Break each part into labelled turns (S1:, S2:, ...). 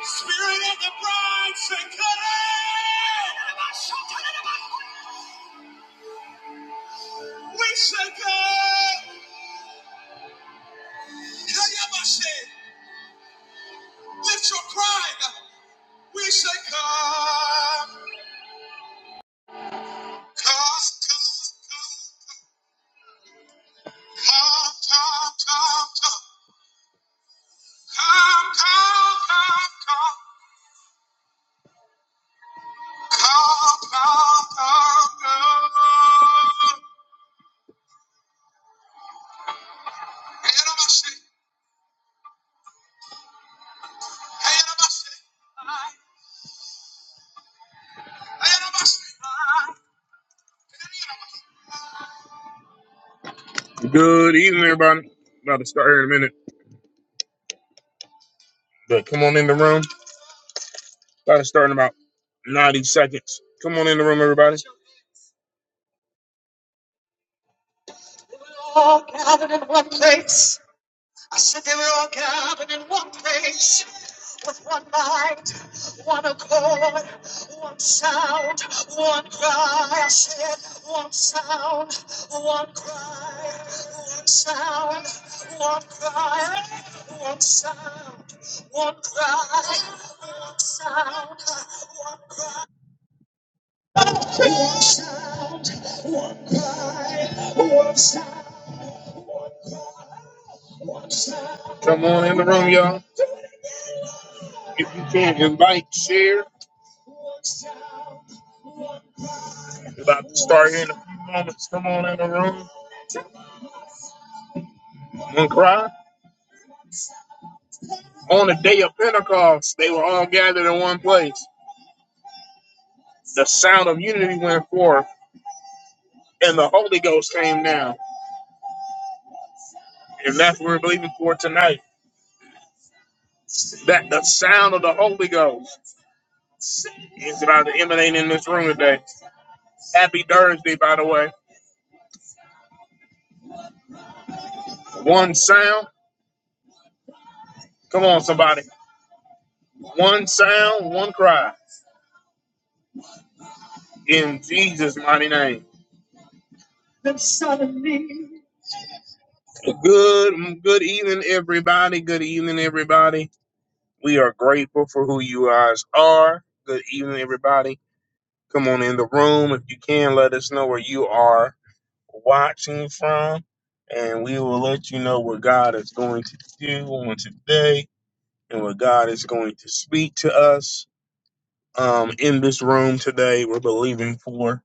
S1: Spirit of the bride, say, come. in. We say, come. Kayabashe, Lift your cry. We say, come. Come, come, come, come, come, come, come, come, come, come, come, come, come, come. Kayabashe, Kayabashe, Kayabashe. Good evening, everybody. About to start here in a minute, but come on in the room. About to start in about 90 seconds. Come on in the room, everybody. All gathered in one place. I said they were all gathered in one place with one mind, one accord, one sound, one cry. I said one sound, one cry, one sound, one cry, one sound, one cry, one sound, one cry, one sound, cry, one sound. Come on in the room, y'all. If you can invite, share. We're about to start here in a few moments. Come on in the room and cry. On the day of Pentecost, they were all gathered in one place. The sound of unity went forth, and the Holy Ghost came down. And that's what we're believing for tonight. That the sound of the Holy Ghost is about to emanate in this room today. Happy Thursday, by the way. One sound. Come on, somebody. One sound, one cry. In Jesus' mighty name. The Son of Me. Good, good evening, everybody. Good evening, everybody. We are grateful for who you guys are. Good evening, everybody. Come on in the room if you can. Let us know where you are watching from, and we will let you know what God is going to do on today and what God is going to speak to us um, in this room today. We're believing for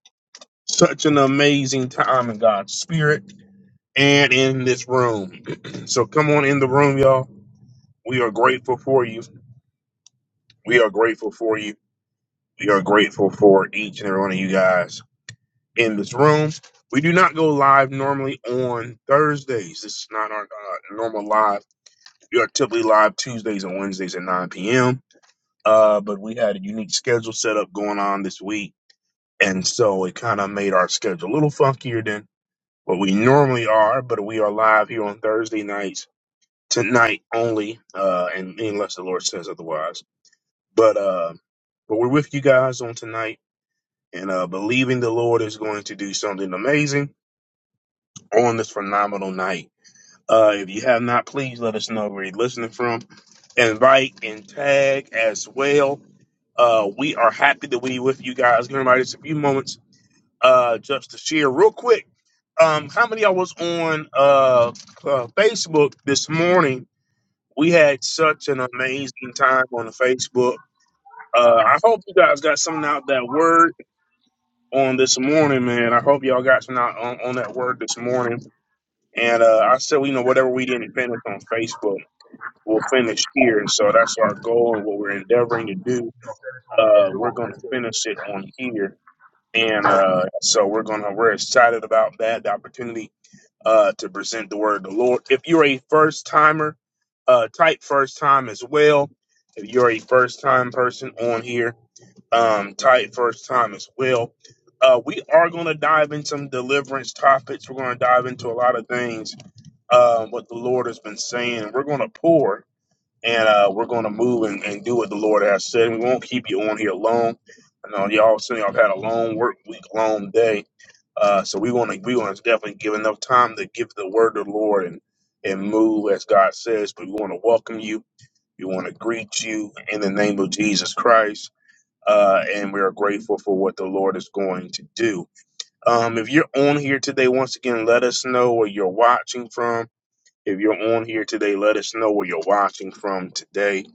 S1: such an amazing time in God's Spirit and in this room. so come on in the room, y'all We are grateful for you. We are grateful for you. We are grateful for each and every one of you guys in this room. We do not go live normally on Thursdays. This is not our uh, normal live. We are typically live Tuesdays and Wednesdays at 9 p.m. Uh, but we had a unique schedule set up going on this week. And so it kind of made our schedule a little funkier than what we normally are. But we are live here on Thursday nights, tonight only, uh, and unless the Lord says otherwise. But uh, but we're with you guys on tonight, and uh, believing the Lord is going to do something amazing on this phenomenal night. Uh, if you have not, please let us know where you're listening from. Invite and tag as well. Uh, we are happy to be with you guys. Give everybody just a few moments uh, just to share real quick. Um, how many of y'all was on uh, uh, Facebook this morning? We had such an amazing time on the Facebook. Uh, I hope you guys got something out of that word on this morning, man. I hope y'all got some out on, on that word this morning. And uh, I said, you know, whatever we didn't finish on Facebook, we'll finish here. And so that's our goal and what we're endeavoring to do. Uh, we're going to finish it on here. And uh, so we're going to, we're excited about that, the opportunity uh, to present the word of the Lord. If you're a first timer, uh, type first time as well. If you're a first time person on here, um, tight first time as well. Uh, we are going to dive into some deliverance topics. We're going to dive into a lot of things, uh, what the Lord has been saying. We're going to pour and uh, we're going to move and, and do what the Lord has said. We won't keep you on here long. I know y'all saying y'all had a long work week, long day. Uh, so we want to we want to definitely give enough time to give the word of the Lord and and move as God says. But we want to welcome you. We want to greet you in the name of Jesus Christ uh, and we are grateful for what the Lord is going to do. Um, if you're on here today, once again, let us know where you're watching from. If you're on here today, let us know where you're watching from today.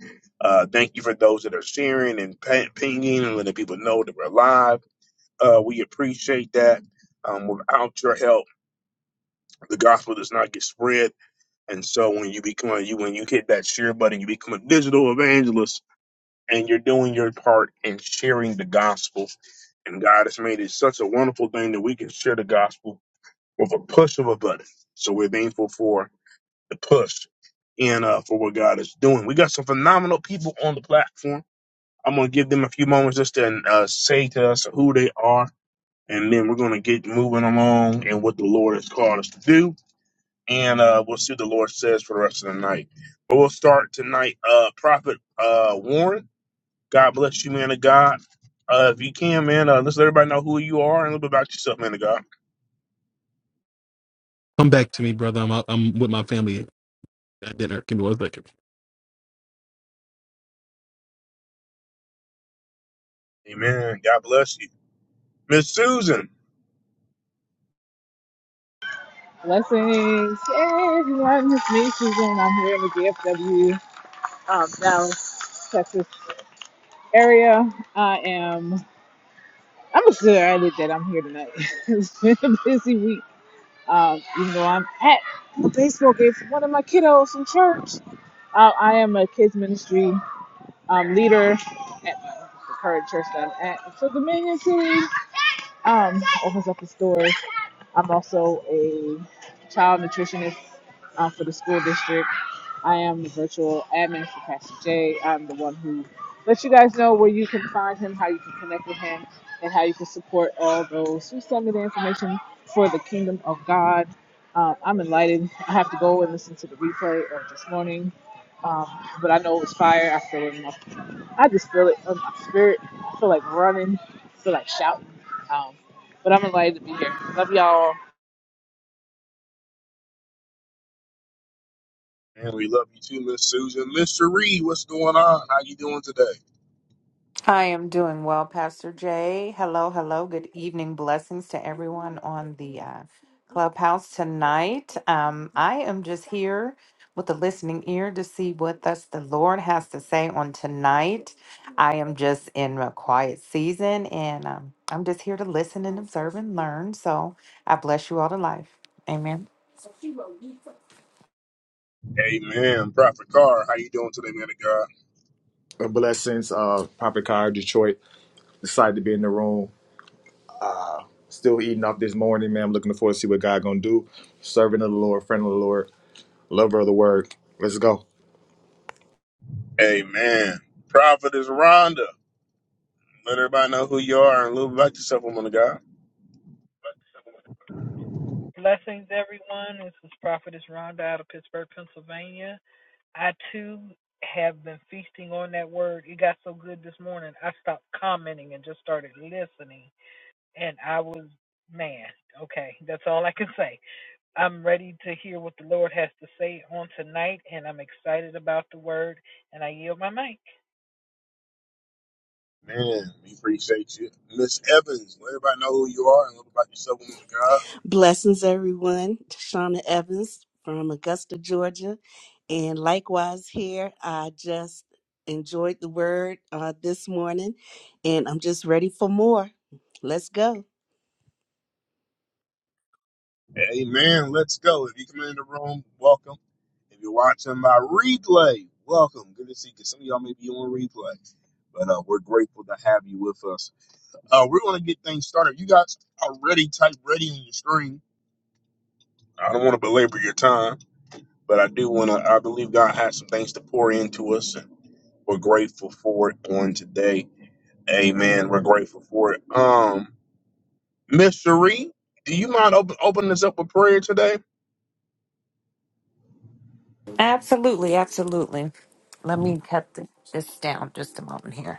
S1: Uh, thank you for those that are sharing and pa- pinging and letting people know that we're live. Uh, we appreciate that. Um, without your help, the gospel does not get spread. And so, when you become you when you hit that share button, you become a digital evangelist and you're doing your part in sharing the gospel. And God has made it such a wonderful thing that we can share the gospel with a push of a button. So we're thankful for the push and uh, for what God is doing. We got some phenomenal people on the platform. I'm going to give them a few moments just to uh, say to us who they are, and then we're going to get moving along and what the Lord has called us to do. And uh, we'll see what the Lord says for the rest of the night. But we'll start tonight, uh, Prophet uh, Warren. God bless you, man of God. Uh, if you can, man, uh, let's let everybody know who you are and a little bit about yourself, man of God.
S2: Come back to me, brother. I'm out, I'm with my family at dinner. Give me one second.
S1: Amen. God bless you. Miss Susan.
S3: Blessings. Hey, everyone. It's me, Susan. I'm here in the DFW, um, Dallas, Texas area. I am, I'm excited that I'm here tonight. it's been a busy week. Um, even though I'm at a baseball game for one of my kiddos from church, uh, I am a kids ministry um, leader at my, the current church that I'm at. So, Dominion City um, opens up a store. I'm also a child nutritionist uh, for the school district. I am the virtual admin for Pastor J. I'm the one who lets you guys know where you can find him, how you can connect with him, and how you can support all those who send me the information for the kingdom of God. Um, I'm enlightened. I have to go and listen to the replay of this morning. Um, but I know it was fire. I feel it in my I just feel it in my spirit. I feel like running. I feel like shouting. Um, but I'm enlightened to be here. Love y'all.
S1: Man, we love you too, Miss Susan. Mr. Reed, what's going on? How you doing today?
S4: I am doing well, Pastor Jay. Hello, hello. Good evening. Blessings to everyone on the uh, clubhouse tonight. Um, I am just here with a listening ear to see what thus the Lord has to say on tonight. I am just in a quiet season and um, I'm just here to listen and observe and learn. So I bless you all to life. Amen.
S1: Amen. Prophet Carr, how you doing today, man of God?
S5: Blessings, uh, Prophet Car, Detroit. Decided to be in the room. Still eating off this morning, man. I'm looking forward to see what God gonna do. Servant of the Lord, friend of the Lord, lover of the word. Let's go.
S1: Amen. Prophet is Rhonda. Let everybody know who you are and a little bit about yourself, woman of God.
S6: Blessings, everyone. This is Prophetess Rhonda out of Pittsburgh, Pennsylvania. I too have been feasting on that word. It got so good this morning, I stopped commenting and just started listening. And I was, man, okay, that's all I can say. I'm ready to hear what the Lord has to say on tonight, and I'm excited about the word, and I yield my mic.
S1: Man, we appreciate you. Miss Evans, let everybody know who you are and a little bit about yourself, woman of God.
S7: Blessings, everyone. Shauna Evans from Augusta, Georgia. And likewise, here, I just enjoyed the word uh, this morning, and I'm just ready for more. Let's go.
S1: Amen. Let's go. If you come in the room, welcome. If you're watching by replay, welcome. Good to see you. 'Cause Some of y'all may be on replay, but uh, we're grateful to have you with us. Uh, we're going to get things started. You guys are ready, type ready on your screen. I don't want to belabor your time, but I do want to. I believe God has some things to pour into us, and we're grateful for it on today. Amen. We're grateful for it. Um, Miss Cherie, do you mind open, opening us up with prayer today?
S4: Absolutely, absolutely. Let me cut th- this down just a moment here.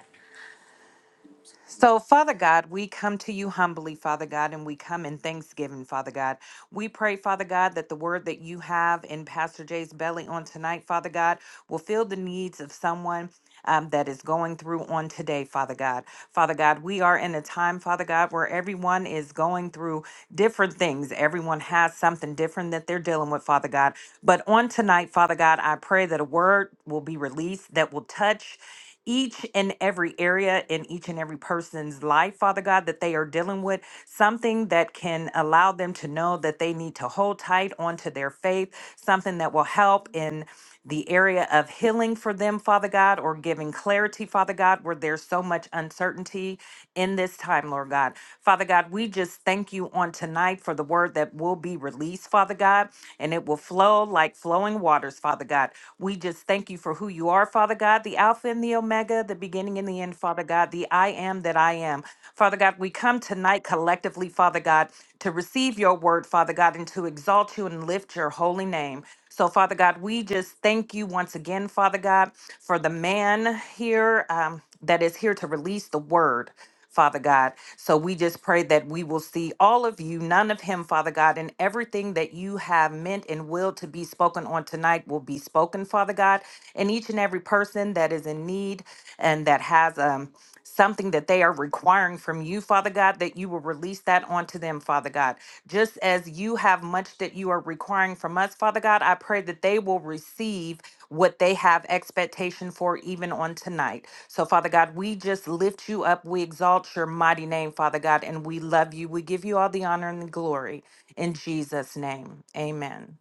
S4: So, Father God, we come to you humbly, Father God, and we come in thanksgiving, Father God. We pray, Father God, that the word that you have in Pastor Jay's belly on tonight, Father God, will fill the needs of someone um, that is going through on today, Father God. Father God, we are in a time, Father God, where everyone is going through different things. Everyone has something different that they're dealing with, Father God. But on tonight, Father God, I pray that a word will be released that will touch each and every area in each and every person's life, Father God, that they are dealing with, something that can allow them to know that they need to hold tight onto their faith, something that will help in the area of healing for them, Father God, or giving clarity, Father God, where there's so much uncertainty in this time, Lord God. Father God, we just thank you on tonight for the word that will be released, Father God. God, and it will flow like flowing waters, Father God. We just thank you for who you are, Father God, the Alpha and the Omega, the beginning and the end, Father God, the I am that I am. Father God, we come tonight collectively, Father God, to receive your word, Father God, and to exalt you and lift your holy name. So, Father God, we just thank you once again, Father God, for the man here um, that is here to release the word. Father God. So we just pray that we will see all of you, none of him, Father God, and everything that you have meant and willed to be spoken on tonight will be spoken, Father God. And each and every person that is in need and that has um something that they are requiring from you, Father God, that you will release that onto them, Father God. Just as you have much that you are requiring from us, Father God, I pray that they will receive what they have expectation for even on tonight. So, Father God, we just lift you up. We exalt your mighty name, Father God, and we love you. We give you all the honor and the glory in Jesus' name. Amen.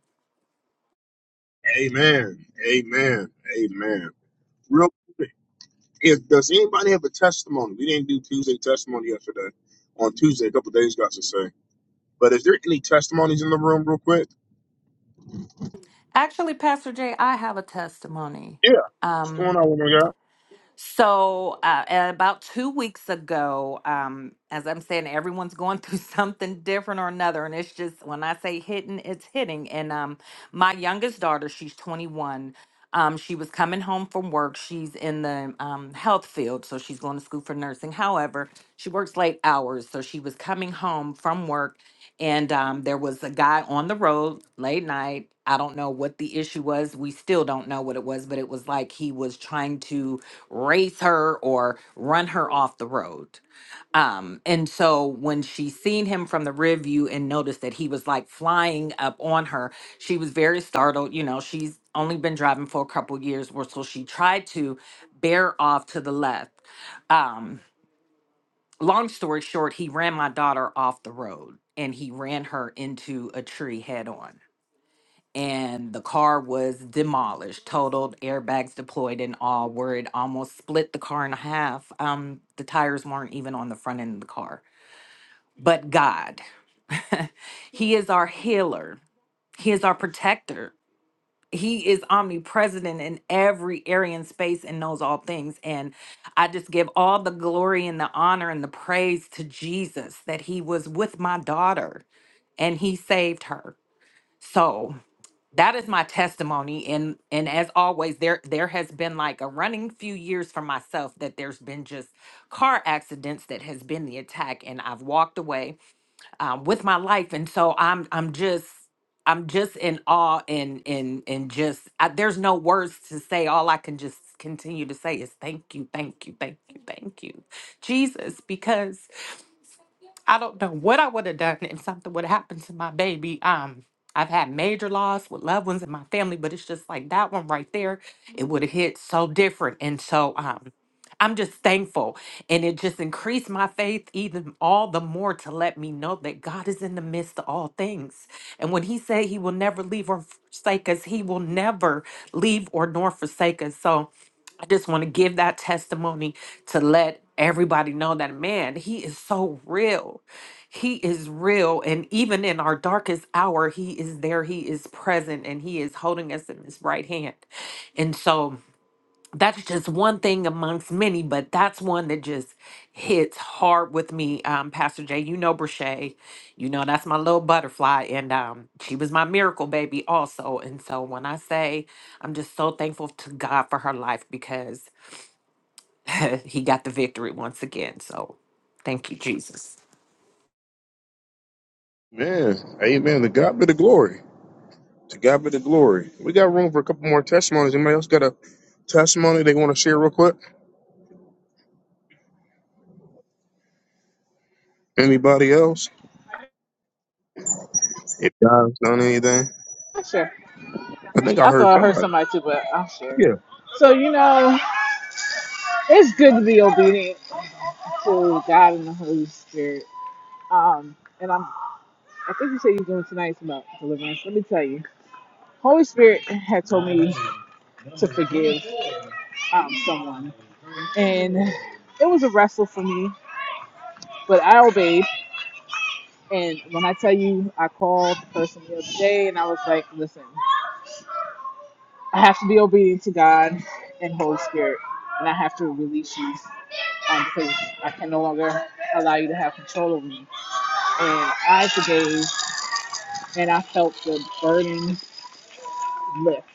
S1: Amen. Amen. Amen. Real quick, if does anybody have a testimony? We didn't do Tuesday testimony yesterday. On Tuesday, a couple days got to say. But is there any testimonies in the room real quick?
S4: Actually, Pastor Jay, I have a testimony.
S1: Yeah. What's going
S4: Um,
S1: on, woman of God?
S4: so uh, about two weeks ago, um, as I'm saying, everyone's going through something different or another, and it's just when I say hitting, it's hitting. And um, my youngest daughter, she's 21 Um, she was coming home from work. She's in the um, health field, so she's going to school for nursing. However, she works late hours, so she was coming home from work, and um, there was a guy on the road late night. I don't know what the issue was. We still don't know what it was, but it was like he was trying to race her or run her off the road. Um, and so when she seen him from the rear view and noticed that he was like flying up on her, she was very startled. You know, she's only been driving for a couple years or so she tried to bear off to the left. Um, long story short, he ran my daughter off the road and he ran her into a tree head on. And the car was demolished, totaled, airbags deployed and all, where it almost split the car in half. Um, the tires weren't even on the front end of the car but God. he is our healer, He is our protector. He is omnipresent in every area and space and knows all things. And I just give all the glory and the honor and the praise to Jesus that He was with my daughter and He saved her. So that is my testimony. And and as always, there there has been like a running few years for myself that there's been just car accidents that has been the attack. And I've walked away um, with my life, and so I'm I'm just I'm just in awe and and and just I, there's no words to say. All I can just continue to say is thank you, thank you, thank you, thank you, Jesus, because I don't know what I would have done if something would have happened to my baby. Um, I've had major loss with loved ones in my family, but it's just like that one right there. It would have hit so different, and so um. I'm just thankful. And it just increased my faith even all the more to let me know that God is in the midst of all things. And when He said He will never leave or forsake us, He will never leave or nor forsake us. So I just want to give that testimony to let everybody know that, man, He is so real. He is real. And even in our darkest hour, He is there. He is present and He is holding us in His right hand. And so that's just one thing amongst many, but that's one that just hits hard with me. Um, Pastor Jay, you know Brashay, you know that's my little butterfly, and um, she was my miracle baby also. And so when I say I'm just so thankful to God for her life because He got the victory once again. So thank you, Jesus.
S1: Man, amen. To God be the glory. To God be the glory. We got room for a couple more testimonies. Anybody else got a testimony they want to share real quick? Anybody else? If God's done anything.
S3: I'm sure.
S1: I think I
S3: I
S1: heard
S3: thought I heard
S1: somebody.
S3: somebody too, but I'm sure.
S1: Yeah.
S3: So you know, it's good to be obedient to God and the Holy Spirit. Um, and I'm. I think you said you're doing tonight's about deliverance. Let me tell you, Holy Spirit had told me to forgive um, someone, and it was a wrestle for me, but I obeyed. And when I tell you, I called the person the other day, and I was like, "Listen, I have to be obedient to God and Holy Spirit, and I have to release you." um, because I can no longer allow you to have control over me. And I forgave, and I felt the burden lift,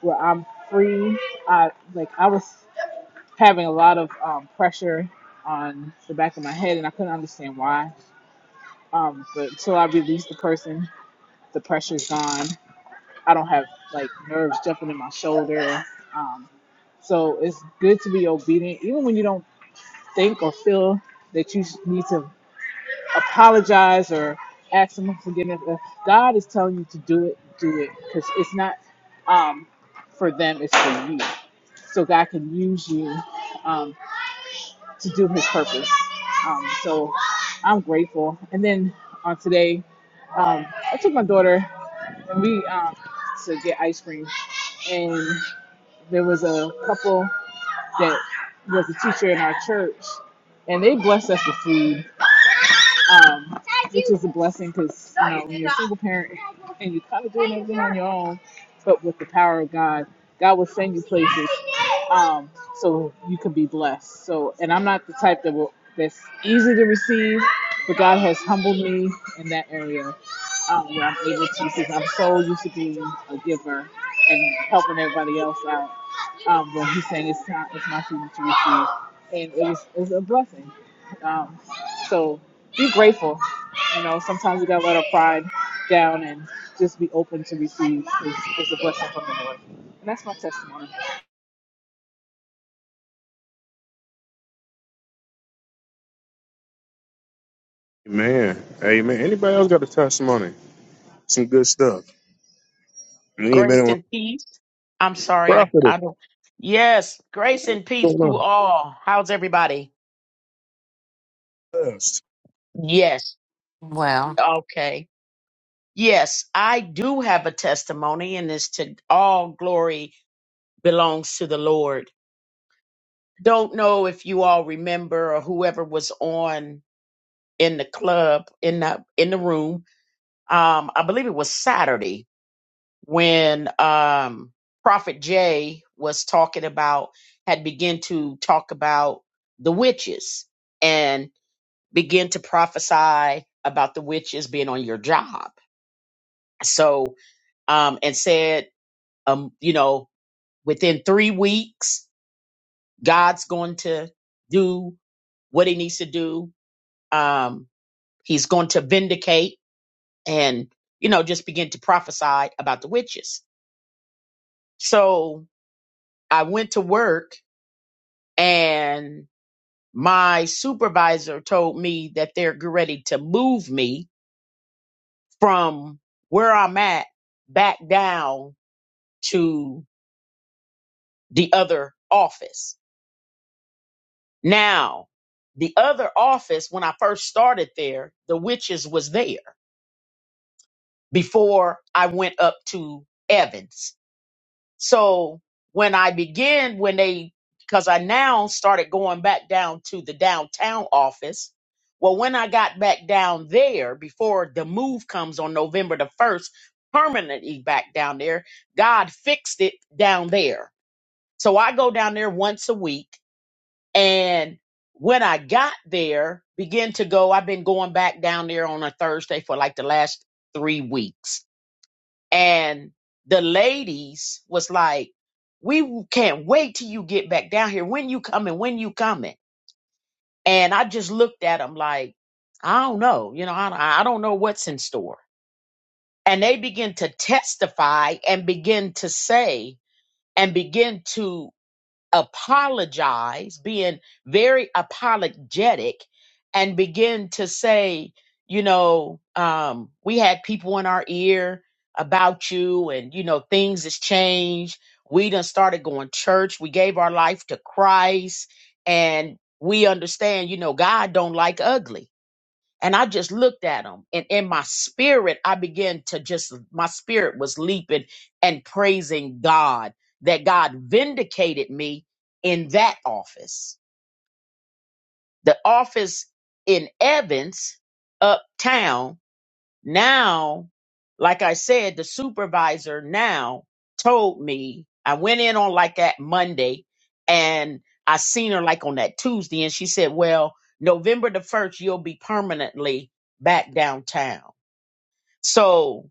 S3: where I'm free. I like I was having a lot of um, pressure on the back of my head, and I couldn't understand why. Um, but until I release the person, the pressure's gone. I don't have like nerves jumping in my shoulder. Um, so it's good to be obedient, even when you don't think or feel that you need to apologize or ask someone for forgiveness. If God is telling you to do it, do it because it's not um, for them; it's for you. So God can use you um, to do His purpose. Um, so I'm grateful. And then on today, um, I took my daughter and we um, to get ice cream, and there was a couple that was a teacher in our church, and they blessed us with food. um, which is a blessing because you know when you're a single parent and you kind of doing everything on your own, but with the power of God, God will send you places um, so you can be blessed. So, and I'm not the type that will that's easy to receive, but God has humbled me in that area um, where I'm able to because I'm so used to being a giver and helping everybody else out um, when he sang it's time it's my season to receive and it was it was a blessing um, so be grateful you know sometimes we gotta let our pride down and just be open to receive is, is a blessing from the lord and that's my testimony
S1: Man. Amen. Anybody else got a testimony? Some good stuff. You ain't been
S8: Grace
S1: on
S8: and peace. I'm sorry, I,
S1: profited.
S8: I don't. Yes, grace and peace
S1: going
S8: to
S1: on?
S8: all. How's everybody?
S1: Blessed.
S8: Yes.
S4: Well,
S8: Okay. Yes, I do have a testimony, and it's to all glory belongs to the Lord. Don't know if you all remember or whoever was on in the club in the in the room. Um, I believe it was Saturday when um prophet jay was talking about had begun to talk about the witches and begin to prophesy about the witches being on your job so um and said um you know within three weeks god's going to do what he needs to do um he's going to vindicate and you know just begin to prophesy about the witches so i went to work and my supervisor told me that they're ready to move me from where I'm at back down to the other office. Now, the other office, when I first started there, the witches was there before I went up to Evans So when I began, when they, because I now started going back down to the downtown office. Well, when I got back down there before the move comes on November the 1st, permanently back down there, God fixed it down there. So I go down there once a week. And when I got there, begin to go, I've been going back down there on a Thursday for like the last three weeks and the ladies was like we can't wait till you get back down here when you coming when you coming and i just looked at them like i don't know you know i, I don't know what's in store and they begin to testify and begin to say and begin to apologize, being very apologetic, and begin to say, you know, um, we had people in our ear about you, and you know, things has changed. We done started going church. We gave our life to Christ, and we understand, you know, God don't like ugly and I just looked at him, and in my spirit, I began to just, my spirit was leaping and praising God that God vindicated me in that office. The office in Evans, uptown, now, like I said, the supervisor now told me I went in on like that Monday and I seen her like on that Tuesday and she said, Well, November the 1st, you'll be permanently back downtown. So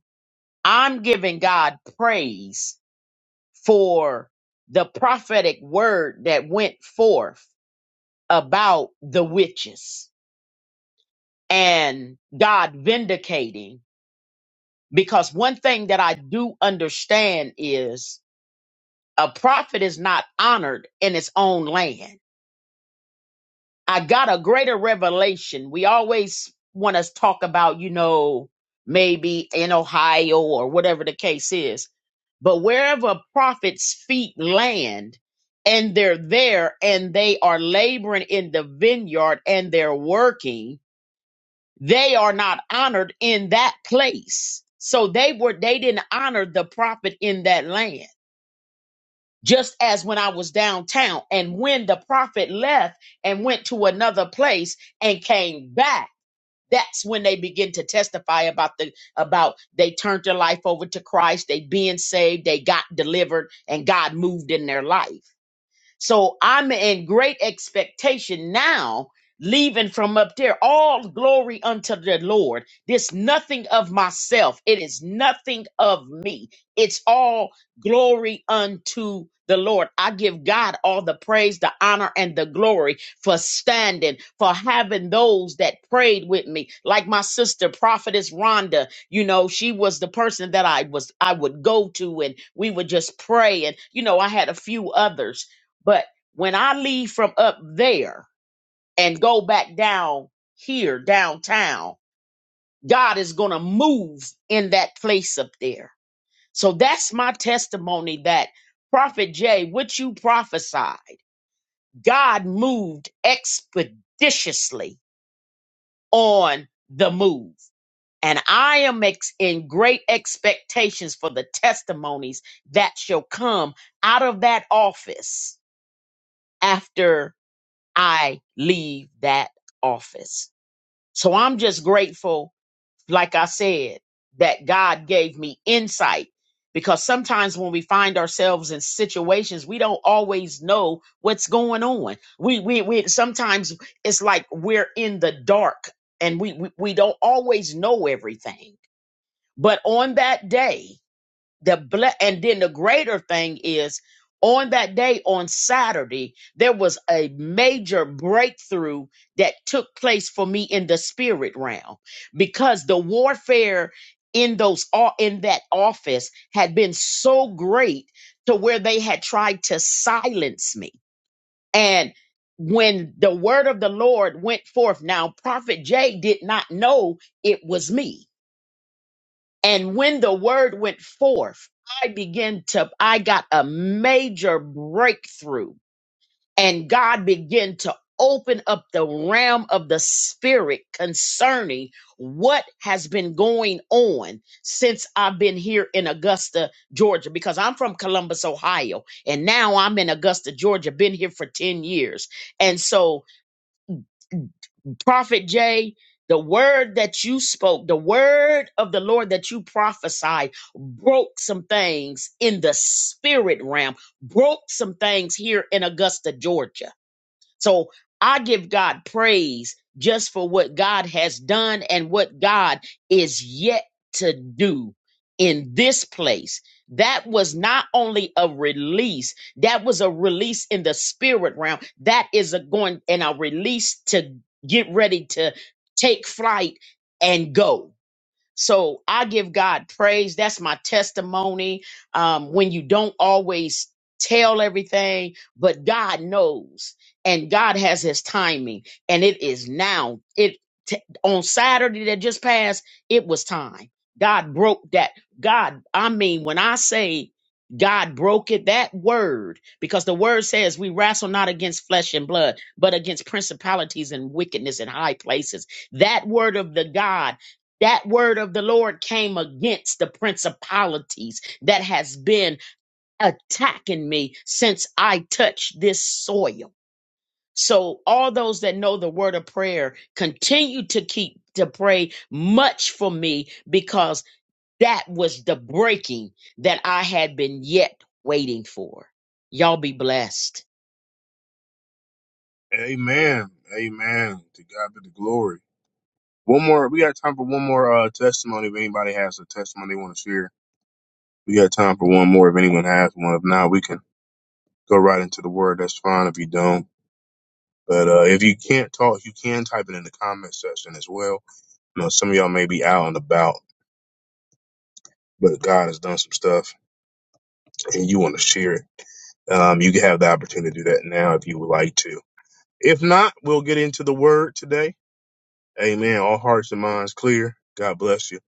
S8: I'm giving God praise for the prophetic word that went forth about the witches and God vindicating Because one thing that I do understand is a prophet is not honored in his own land. I got a greater revelation. We always want to talk about, you know, maybe in Ohio or whatever the case is. But wherever a prophet's feet land and they're there and they are laboring in the vineyard and they're working, they are not honored in that place. So they were they didn't honor the prophet in that land. Just as when I was downtown and when the prophet left and went to another place and came back, that's when they begin to testify about the about they turned their life over to Christ, they being saved, they got delivered and God moved in their life. So I'm in great expectation now, leaving from up there. All glory unto the Lord. This nothing of myself. It is nothing of me. It's all glory unto the Lord. I give God all the praise, the honor, and the glory for standing, for having those that prayed with me. Like my sister, Prophetess Rhonda, you know, she was the person that I was I would go to and we would just pray. And, you know, I had a few others but when I leave from up there and go back down here, downtown, God is going to move in that place up there. So that's my testimony that Prophet Jay, what you prophesied, God moved expeditiously on the move. And I am ex- in great expectations for the testimonies that shall come out of that office after I leave that office. So I'm just grateful, like I said, that God gave me insight because sometimes when we find ourselves in situations, we don't always know what's going on. We, we, we sometimes it's like we're in the dark and we, we, we don't always know everything. But on that day, the ble- and then the greater thing is on that day on Saturday there was a major breakthrough that took place for me in the spirit realm because the warfare in those o- in that office had been so great to where they had tried to silence me and when the word of the Lord went forth now prophet Jay did not know it was me and when the word went forth, I began to, I got a major breakthrough and God began to open up the realm of the spirit concerning what has been going on since I've been here in Augusta, Georgia, because I'm from Columbus, Ohio, and now I'm in Augusta, Georgia, been here for 10 years. And so Prophet Jay, the word that you spoke, the word of the Lord that you prophesied, broke some things in the spirit realm, broke some things here in Augusta, Georgia. So I give God praise just for what God has done and what God is yet to do in this place. That was not only a release, that was a release in the spirit realm. That is a going and a release to get ready to take flight and go so I give God praise. That's my testimony. Um, when you don't always tell everything, but God knows and God has his timing and it is now. It t- on Saturday that just passed, it was time. God broke that. God, I mean, when I say God broke it, that word, because the word says we wrestle not against flesh and blood, but against principalities and wickedness in high places. That word of the God that word of the lord came against the principalities that has been attacking me since i touched this soil so all those that know the word of prayer continue to keep to pray much for me because that was the breaking that i had been yet waiting for y'all be blessed
S1: Amen. Amen. To God be the glory. One more. We got time for one more uh, testimony. If anybody has a testimony they want to share, we got time for one more. If anyone has one, if not, we can go right into the word. That's fine if you don't. But uh, if you can't talk, you can type it in the comment section as well. You know, some of y'all may be out and about, but God has done some stuff, and you want to share it. Um, you can have the opportunity to do that now if you would like to. If not, we'll get into the word today. Amen. All hearts and minds clear. God bless you.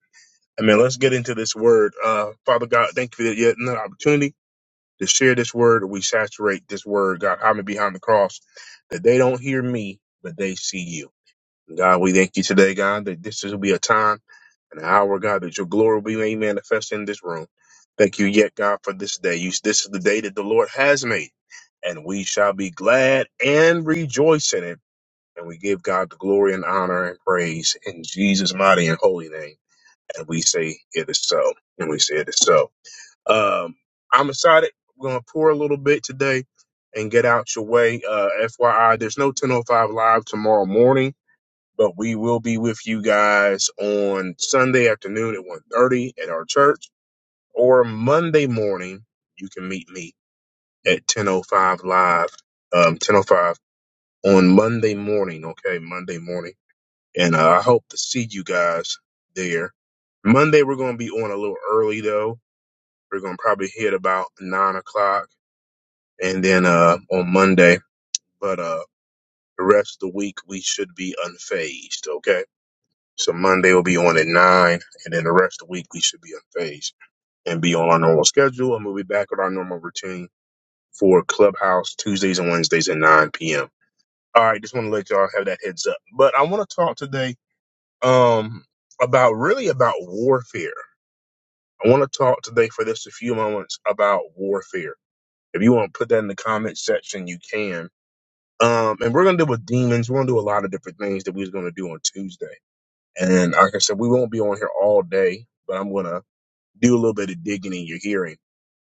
S1: Amen. Let's get into this word. Uh, Father God, thank you for yet another opportunity to share this word. We saturate this word, God, hide me behind the cross, that they don't hear me, but they see you. God, we thank you today, God, that this will be a time and an hour, God, that your glory will be made manifest in this room. Thank you yet, God, for this day. You, this is the day that the Lord has made, and we shall be glad and rejoice in it. And we give God the glory and honor and praise in Jesus' mighty and holy name. And we say it is so. And we say it is so. Um, I'm excited. We're going to pour a little bit today and get out your way. Uh, FYI, there's no 1005 live tomorrow morning, but we will be with you guys on Sunday afternoon at 1.30 at our church or Monday morning. You can meet me at 1005 live, um, 1005 on Monday morning. Okay. Monday morning and uh, I hope to see you guys there. Monday we're going to be on a little early though. We're going to probably hit about nine o'clock, and then uh, on Monday. But uh, the rest of the week we should be unfazed. Okay, so Monday will be on at nine, and then the rest of the week we should be unfazed and be on our normal schedule, and we'll be back with our normal routine for Clubhouse Tuesdays and Wednesdays at nine p.m. All right, just want to let y'all have that heads up. But I want to talk today um, about really about warfare. I want to talk today for just a few moments about warfare. If you want to put that in the comment section, you can. Um, and we're gonna deal with demons. We're gonna do a lot of different things that we was gonna do on Tuesday. And like I said, we won't be on here all day, but I'm gonna do a little bit of digging in your hearing.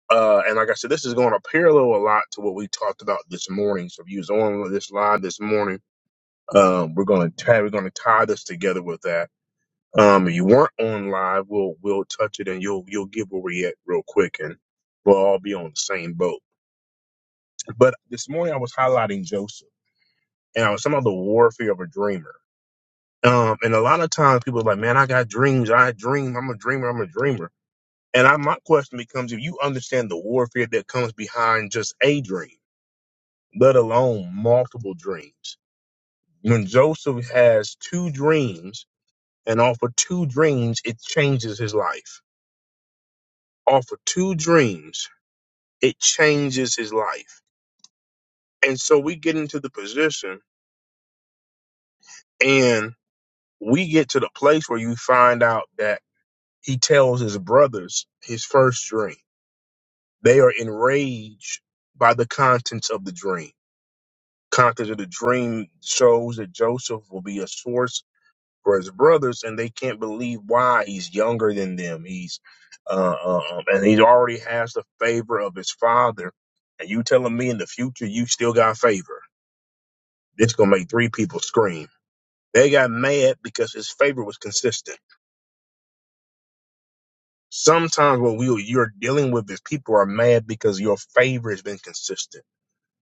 S1: Uh, and like I said, this is going to parallel a lot to what we talked about this morning. So if you was on this live this morning, um, we're gonna tie we're gonna tie this together with that Um, if you weren't on live, we'll we'll touch it and you'll you'll give a react real quick and we'll all be on the same boat. But this morning I was highlighting Joseph and I was talking about the warfare of a dreamer. Um, and a lot of times people are like, Man, I got dreams, I dream, I'm a dreamer, I'm a dreamer. And I, my question becomes if you understand the warfare that comes behind just a dream, let alone multiple dreams. When Joseph has two dreams and off of two dreams, it changes his life. Off of two dreams, It changes his life. And so we get into the position and we get to the place where you find out that he tells his brothers his first dream. They are enraged by the contents of the dream. Contents of the dream shows that Joseph will be a source for his brothers, and they can't believe why he's younger than them. He's uh, uh, um, and he already has the favor of his father. And you telling me in the future you still got favor? This gonna make three people scream. They got mad because his favor was consistent. Sometimes what we you're dealing with is people are mad because your favor has been consistent.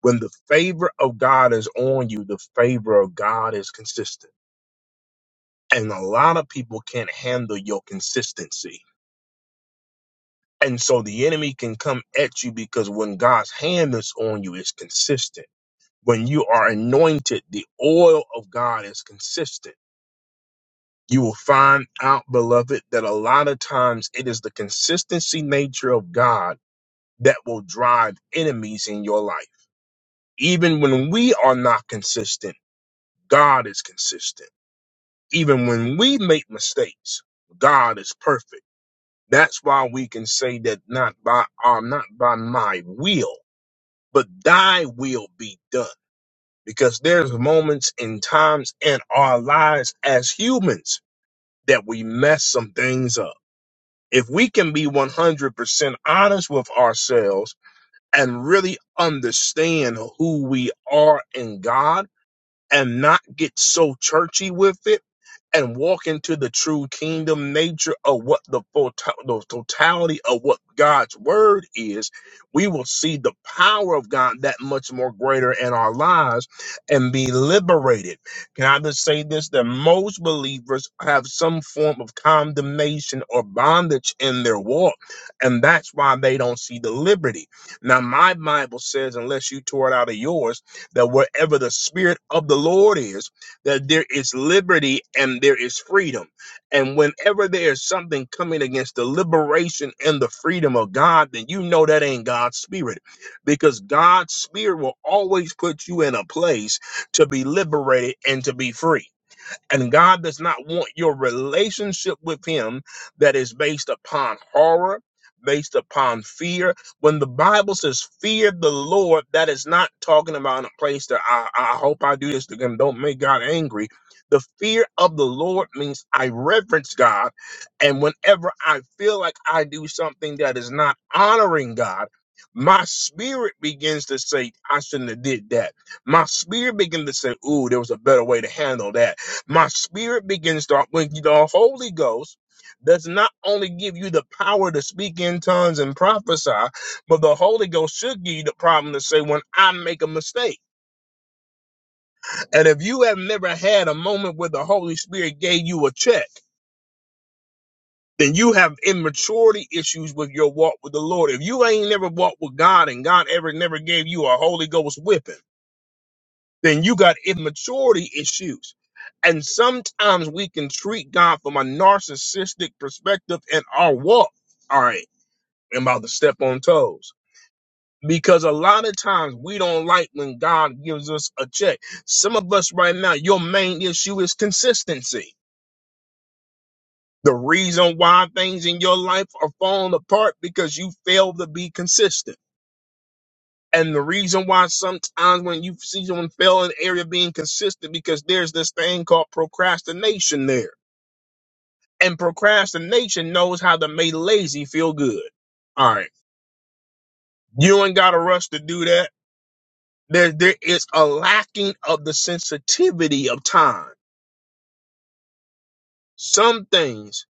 S1: When the favor of God is on you, the favor of God is consistent. And a lot of people can't handle your consistency. And so the enemy can come at you because when God's hand is on you, it's consistent. When you are anointed, the oil of God is consistent You will find out, beloved, that a lot of times it is the consistency nature of God that will drive enemies in your life. Even when we are not consistent, God is consistent. Even when we make mistakes, God is perfect. That's why we can say that not by our, not by my will, but thy will be done. Because there's moments and times in our lives as humans that we mess some things up if we can be 100% honest with ourselves and really understand who we are in God and not get so churchy with it and walk into the true kingdom nature of what the, full the totality of what God's word is, we will see the power of God that much more greater in our lives and be liberated. Can I just say this? That most believers have some form of condemnation or bondage in their walk, and that's why they don't see the liberty. Now, my Bible says, unless you tore it out of yours, that wherever the spirit of the Lord is, that there is liberty and there is freedom. And whenever there is something coming against the liberation and the freedom of God, then you know that ain't God's spirit because God's spirit will always put you in a place to be liberated and to be free. And God does not want your relationship with Him that is based upon horror, based upon fear. When the Bible says fear the Lord, that is not talking about a place that I, I hope I do this to Him. Don't make God angry. The fear of the Lord means I reverence God. And whenever I feel like I do something that is not honoring God, my spirit begins to say, I shouldn't have did that. My spirit begins to say, ooh, there was a better way to handle that my spirit begins to when the holy ghost does not only give you the power to speak in tongues and prophesy but the holy ghost should give you the problem to say when i make a mistake and if you have never had a moment where the holy spirit gave you a check then you have immaturity issues with your walk with the lord if you ain't never walked with god and god ever never gave you a holy ghost whipping then you got immaturity issues. And sometimes we can treat God from a narcissistic perspective in our walk. All right, I'm about to step on toes. Because a lot of times we don't like when God gives us a check. Some of us right now, your main issue is consistency. The reason why things in your life are falling apart because you fail to be consistent. And the reason why sometimes when you see someone fail in an area being consistent, because there's this thing called procrastination there. And procrastination knows how to make lazy feel good. All right. You ain't got to rush to do that. There, there is a lacking of the sensitivity of time. Some things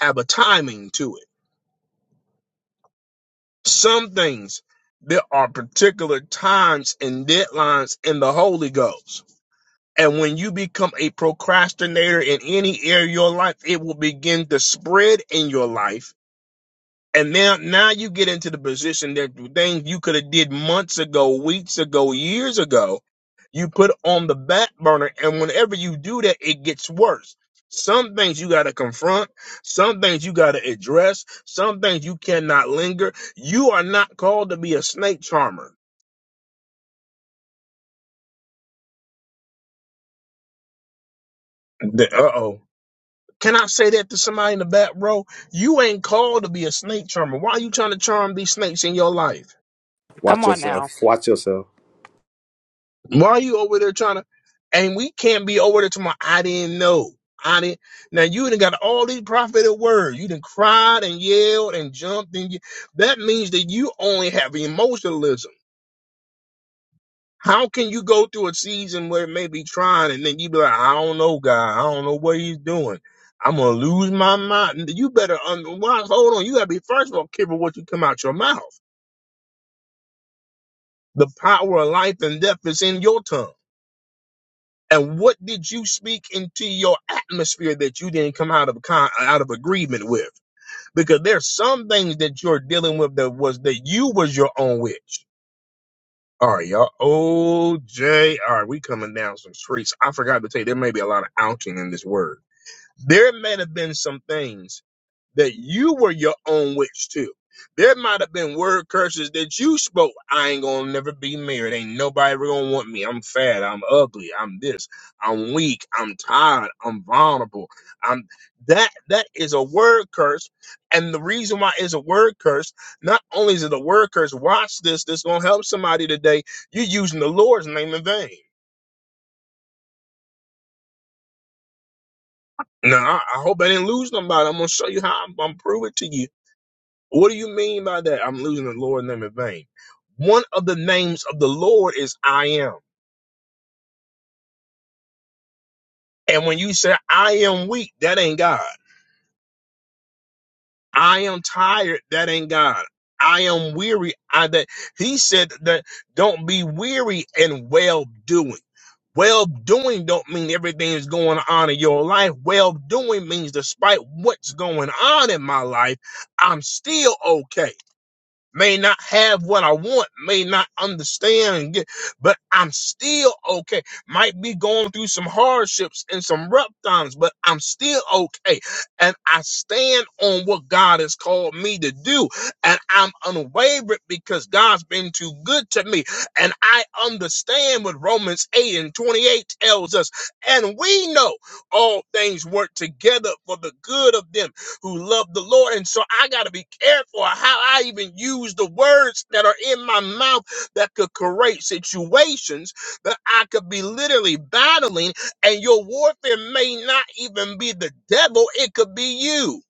S1: have a timing to it. Some things, there are particular times and deadlines in the Holy Ghost And when you become a procrastinator in any area of your life, it will begin to spread in your life. And now, now you get into the position that things you could have did months ago, weeks ago, years ago, you put on the back burner. And whenever you do that, it gets worse. Some things you got to confront. Some things you got to address. Some things you cannot linger. You are not called to be a snake charmer. Uh oh. Can I say that to somebody in the back row? You ain't called to be a snake charmer. Why are you trying to charm these snakes in your life?
S4: come
S5: Watch
S4: on
S5: yourself.
S4: now.
S5: Watch yourself.
S1: Why are you over there trying to? And we can't be over there tomorrow. I didn't know. I didn't. Now you done got all these prophetic words. You done cried and yelled and jumped and you, that means that you only have emotionalism. How can you go through a season where it may be trying and then you be like, I don't know, God, I don't know what he's doing. I'm gonna lose my mind. You better un- why, hold on. You gotta be first of all careful what you come out your mouth. The power of life and death is in your tongue. And what did you speak into your atmosphere that you didn't come out of con- out of agreement with? Because there's some things that you're dealing with that was that you was your own witch. All right, y'all. OJ. All right, we coming down some streets. I forgot to tell you, there may be a lot of outing in this word. There may have been some things that you were your own witch too. There might have been word curses that you spoke. I ain't gonna never be married. Ain't nobody ever gonna want me. I'm fat. I'm ugly. I'm this. I'm weak. I'm tired. I'm vulnerable. I'm that. That is a word curse. And the reason why it's a word curse, not only is it a word curse. Watch this. This gonna help somebody today. You're using the Lord's name in vain. Now I, I hope I didn't lose nobody. I'm gonna show you how. I'm, I'm gonna prove it to you What do you mean by that? I'm losing the Lord name in vain. One of the names of the Lord is I am. And when you say I am weak, that ain't God. I am tired, that ain't God. I am weary. I that he said that don't be weary in well doing. Well doing don't mean everything is going on in your life. Well doing means despite what's going on in my life, I'm still okay. may not have what I want, may not understand, and get- but I'm still okay. Might be going through some hardships and some rough times, but I'm still okay. And I stand on what God has called me to do. And I'm unwavering because God's been too good to me. And I understand what Romans 8 and 28 tells us. And we know all things work together for the good of them who love the Lord. And so I got to be careful how I even use the words that are in my mouth that could create situations that I could be literally battling. And your warfare may not even be the devil, it could be you.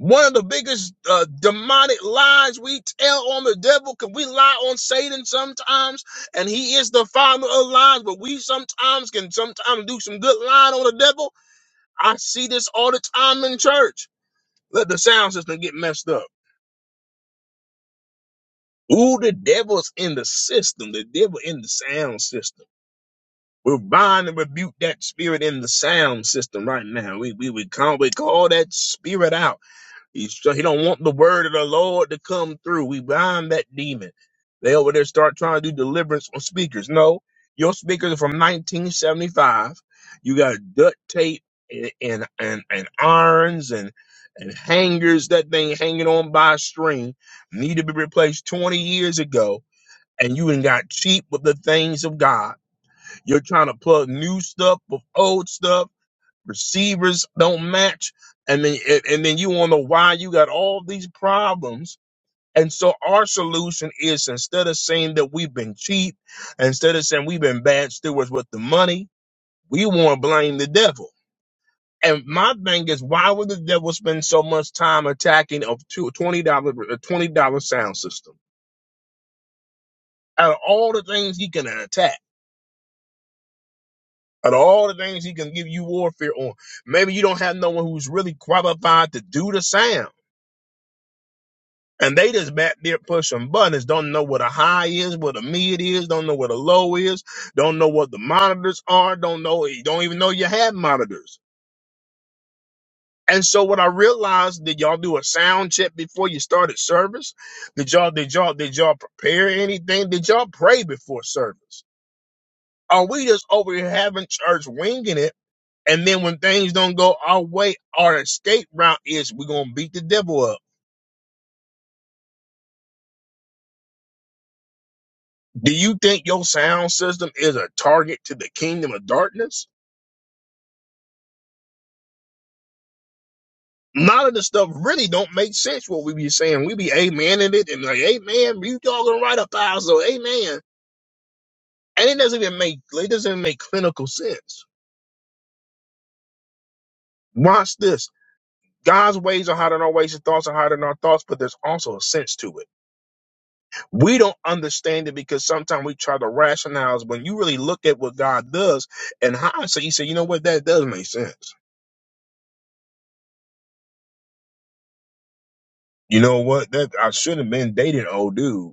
S1: One of the biggest uh, demonic lies we tell on the devil, because we lie on Satan sometimes, and he is the father of lies, but we sometimes can sometimes do some good lying on the devil. I see this all the time in church let the sound system get messed up. Ooh, the devil's in the system. The devil in the sound system. We're bind and rebuke that spirit in the sound system right now. We we we call we call that spirit out. He's, he don't want the word of the Lord to come through. We bind that demon. They over there start trying to do deliverance on speakers. No, your speakers are from 1975. You got duct tape and and and, and irons and and hangers. That thing hanging on by a string need to be replaced 20 years ago. And you ain't got cheap with the things of God. You're trying to plug new stuff with old stuff receivers don't match, and then and then you wonder why you got all these problems. And so our solution is instead of saying that we've been cheap, instead of saying we've been bad stewards with the money, we want to blame the devil. And my thing is, why would the devil spend so much time attacking a two- $20, a $20 sound system? Out of all the things he can attack, out of all the things he can give you warfare on, maybe you don't have no one who's really qualified to do the sound. And they just back there pushing buttons, don't know what a high is, what a mid is, don't know what a low is, don't know what the monitors are, don't know, you don't even know you had monitors. And so what I realized, did y'all do a sound check before you started service? Did y'all, did y'all, did y'all prepare anything? Did y'all pray before service? Are we just over here having church winging it? And then when things don't go our way, our escape route is we're going to beat the devil up. Do you think your sound system is a target to the kingdom of darkness? None of the stuff really don't make sense. What we be saying, we be amening it and like, amen, you all gonna write a thousand, amen, and it doesn't even make it doesn't even make clinical sense. Watch this. God's ways are higher than our ways, and thoughts are higher than our thoughts, but there's also a sense to it. We don't understand it because sometimes we try to rationalize when you really look at what God does and hindsight, you say, you know what, that does make sense. You know what, that I should have been dating old dude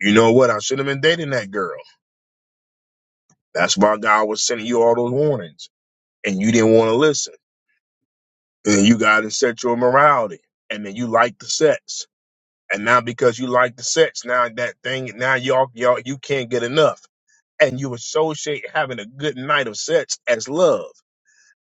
S1: You know what? I should have been dating that girl. That's why God was sending you all those warnings, and you didn't want to listen. And then you got in sexual morality, and then you like the sex, and now because you like the sex, now that thing, now y'all, y'all, you can't get enough, and you associate having a good night of sex as love.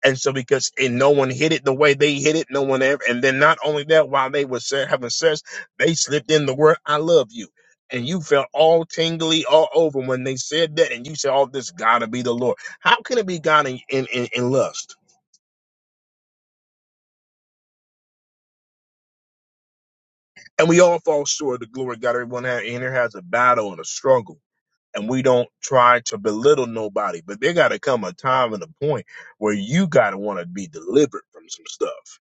S1: And so because and no one hit it the way they hit it, no one ever. And then not only that, while they were se- having sex, they slipped in the word "I love you," and you felt all tingly all over when they said that, and you said, "Oh, this gotta be the Lord." How can it be God in in, in, in lust? And we all fall short of the glory of God. Everyone ha- in here has a battle and a struggle. And we don't try to belittle nobody, but there got to come a time and a point where you got to want to be delivered from some stuff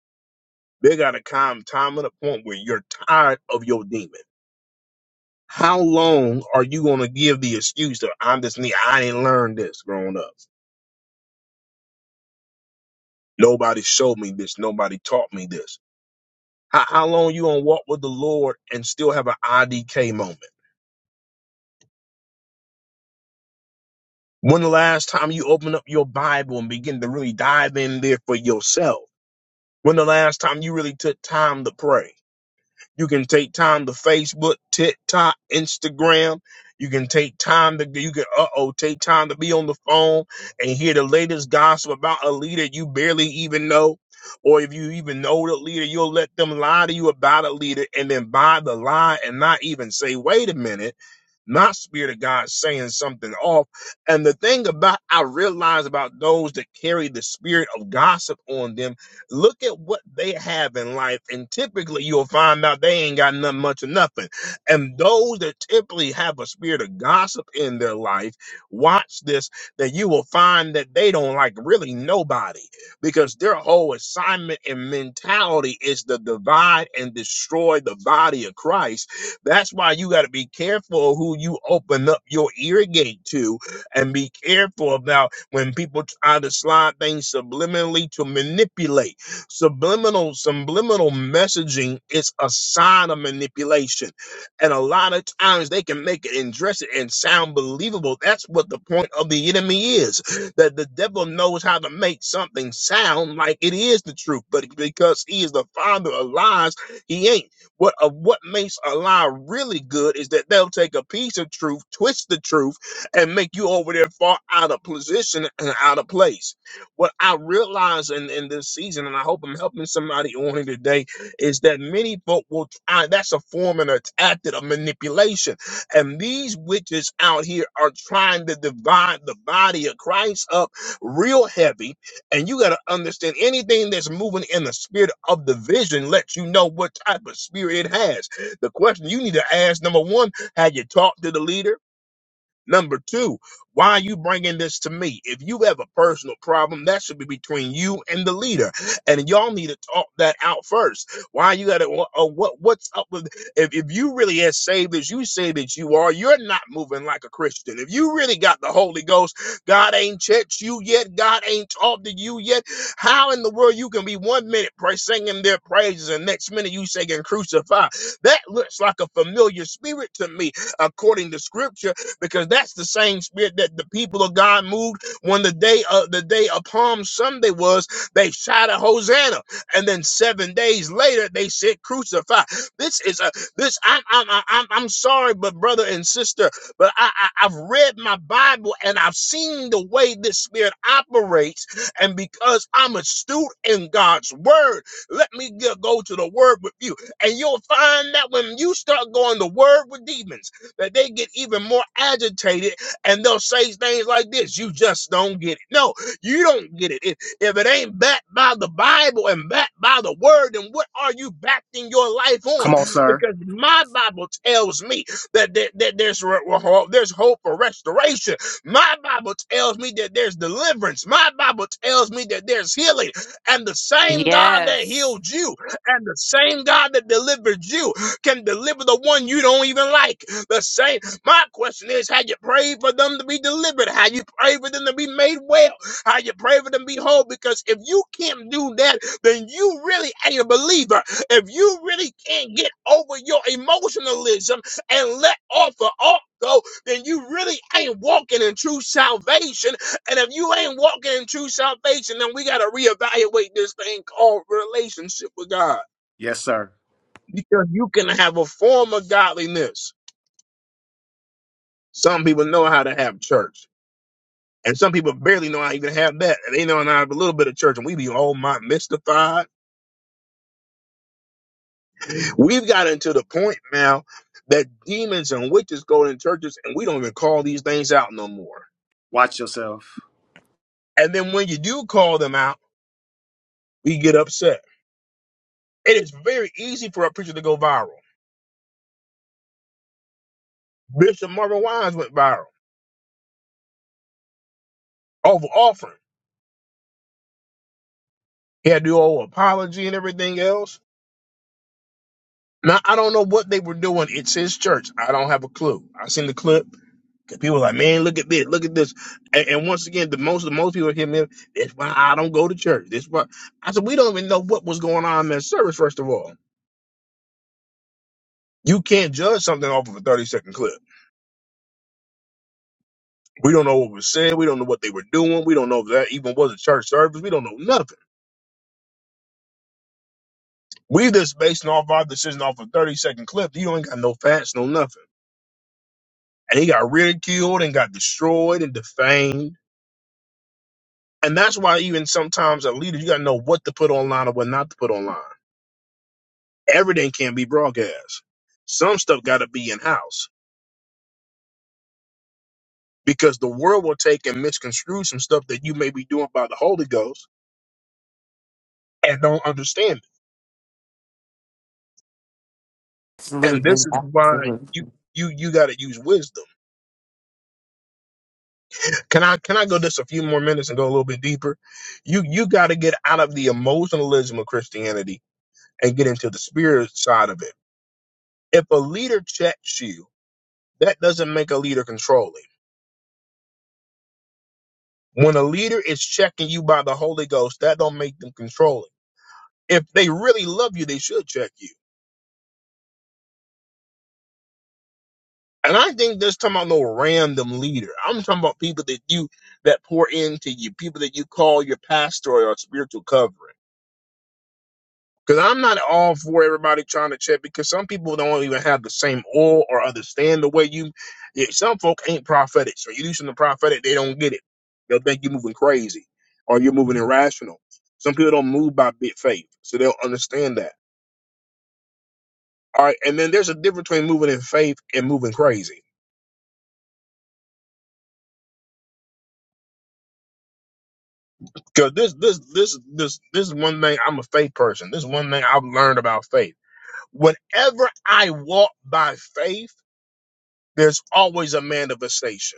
S1: There got to come time and a point where you're tired of your demon. How long are you going to give the excuse that I'm just need, I ain't learned this growing up? Nobody showed me this. Nobody taught me this. How, how long you going to walk with the Lord and still have an IDK moment? When the last time you opened up your Bible and begin to really dive in there for yourself? When the last time you really took time to pray? You can take time to Facebook, TikTok, Instagram. You can take time to you can uh oh take time to be on the phone and hear the latest gossip about a leader you barely even know. Or if you even know the leader, you'll let them lie to you about a leader and then buy the lie and not even say, wait a minute. Not spirit of God saying something off. And the thing about I realize about those that carry the spirit of gossip on them, look at what they have in life, and typically you'll find out they ain't got nothing much of nothing. And those that typically have a spirit of gossip in their life, watch this, that you will find that they don't like really nobody because their whole assignment and mentality is to divide and destroy the body of Christ that's why you got to be careful who you open up your ear gate to and be careful about when people try to slide things subliminally to manipulate. Subliminal, subliminal messaging is a sign of manipulation. And a lot of times they can make it and dress it and sound believable. That's what the point of the enemy is that the devil knows how to make something sound like it is the truth. But because he is the father of lies, he ain't. What of uh, what makes a lie really good is that they'll take a piece of truth, twist the truth, and make you over there far out of position and out of place. What I realize in, in this season, and I hope I'm helping somebody on it today, is that many folk will try that's a form and a tactic of manipulation. And these witches out here are trying to divide the body of Christ up real heavy and you got to understand anything that's moving in the spirit of the vision lets you know what type of spirit it has. The question you need to ask number one, have you talked to the leader? Number two, why are you bringing this to me? If you have a personal problem, that should be between you and the leader, and y'all need to talk that out first. Why you got to? What what's up with? If if you really as saved as you say that you are, you're not moving like a Christian. If you really got the Holy Ghost, God ain't checked you yet. God ain't talked to you yet. How in the world you can be one minute pray singing their praises and next minute you singing crucify? That looks like a familiar spirit to me, according to Scripture because that's the same spirit that the people of God moved when the day of the day of Palm Sunday was. They shouted Hosanna, and then seven days later they said Crucify. This is a this. I'm I'm I'm I'm sorry, but brother and sister, but I, I I've read my Bible and I've seen the way this spirit operates, and because I'm astute in God's word, let me go go to the word with you, and you'll find that when you start going to word with demons that they get even more agitated and they'll say things like this you just don't get it no you don't get it if, if it ain't backed by the bible and backed by the word then what are you backing your life on
S5: Come on, sir.
S1: because my bible tells me that, there- that there's re- re- there's hope for restoration my bible tells me that there's deliverance my bible tells me that there's healing and the same god that
S4: Yes.
S1: healed you and the same god that delivered you can deliver the one you don't even like. The same. My question is, how you pray for them to be delivered? How you pray for them to be made well? How you pray for them to be whole? Because if you can't do that, then you really ain't a believer. If you really can't get over your emotionalism and let off the go, then you really ain't walking in true salvation. And if you ain't walking in true salvation, then we got to reevaluate this thing called relationship with God
S5: Yes, sir.
S1: because you can have a form of godliness. Some people know how to have church, and some people barely know how to even have that. They know how to have a little bit of church, and we be all my mystified. We've gotten to the point now that demons and witches go in churches, and we don't even call these things out no more.
S5: Watch yourself.
S1: And then when you do call them out, we get upset. It is very easy for a preacher to go viral. Bishop Marvin Wines went viral over offering. He had to do a whole apology and everything else Now I don't know what they were doing. It says church. I don't have a clue. I seen the clip. 'Cause People were like, man, look at this, look at this. And, and once again, the most the most people hit me. up, That's why I don't go to church. That's why I said we don't even know what was going on in that service. First of all, you can't judge something off of a thirty second clip. We don't know what was said. We don't know what they were doing. We don't know if that even was a church service. We don't know nothing. We just basing off our decision off a thirty second clip. You ain't got no facts, no nothing. And he got ridiculed and got destroyed and defamed And that's why even sometimes a leader, you gotta know what to put online or what not to put online. Everything can't be broadcast. Some stuff gotta be in house because the world will take and misconstrue some stuff that you may be doing by the Holy Ghost and don't understand it. And
S4: Absolutely.
S1: this is why you
S4: Absolutely.
S1: you you gotta use wisdom. Can I can I go just a few more minutes and go a little bit deeper? You you gotta get out of the emotionalism of Christianity and get into the spirit side of it. If a leader checks you, that doesn't make a leader controlling When a leader is checking you by the Holy Ghost, that don't make them controlling. If they really love you, they should check you. And I think this talking about no random leader. I'm talking about people that you that pour into you, people that you call your pastor or spiritual covering. Because I'm not all for everybody trying to check because some people don't even have the same oil or understand the way you. Yeah, some folk ain't prophetic. So you do something prophetic, they don't get it. They'll think you're moving crazy or you're moving irrational. Some people don't move by big faith, so they'll understand that. All right, and then there's a difference between moving in faith and moving crazy. Because this, this, this, this, this is one thing. I'm a faith person. This is one thing I've learned about faith. Whenever I walk by faith, there's always a manifestation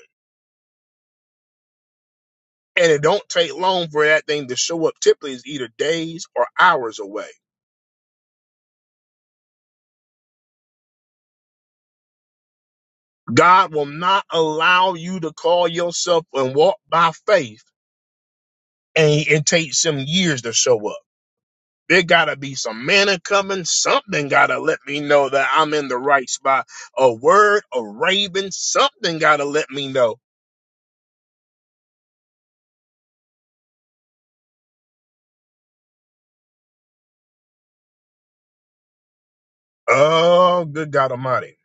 S1: And it don't take long for that thing to show up. Typically, it's either days or hours away. God will not allow you to call yourself and walk by faith, and it takes some years to show up. There gotta be some manna coming. Something gotta let me know that I'm in the right spot. A word, a raven, something gotta let me know. Oh, good God Almighty!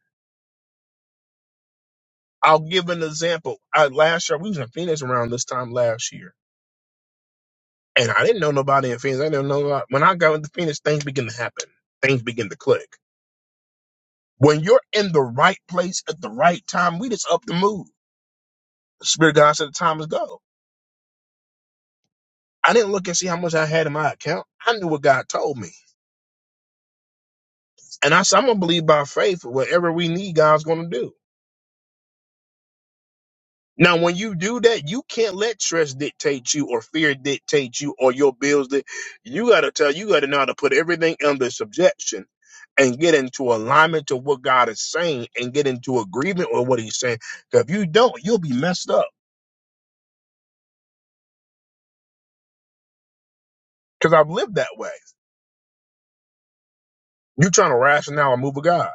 S1: I'll give an example. I, last year we was in Phoenix around this time last year And I didn't know nobody in Phoenix. I didn't know nobody. When I got into Phoenix, things begin to happen. Things begin to click. When you're in the right place at the right time, we just up the move. The Spirit of God said the time is go. I didn't look and see how much I had in my account. I knew what God told me. And I said, I'm going to believe by faith whatever we need, God's going to do. Now, when you do that, you can't let stress dictate you or fear dictate you or your bills. That you got to tell you got to know how to put everything under subjection and get into alignment to what God is saying and get into agreement with what He's saying. Because if you don't, you'll be messed up. Because I've lived that way. You're trying to rationale and move of God,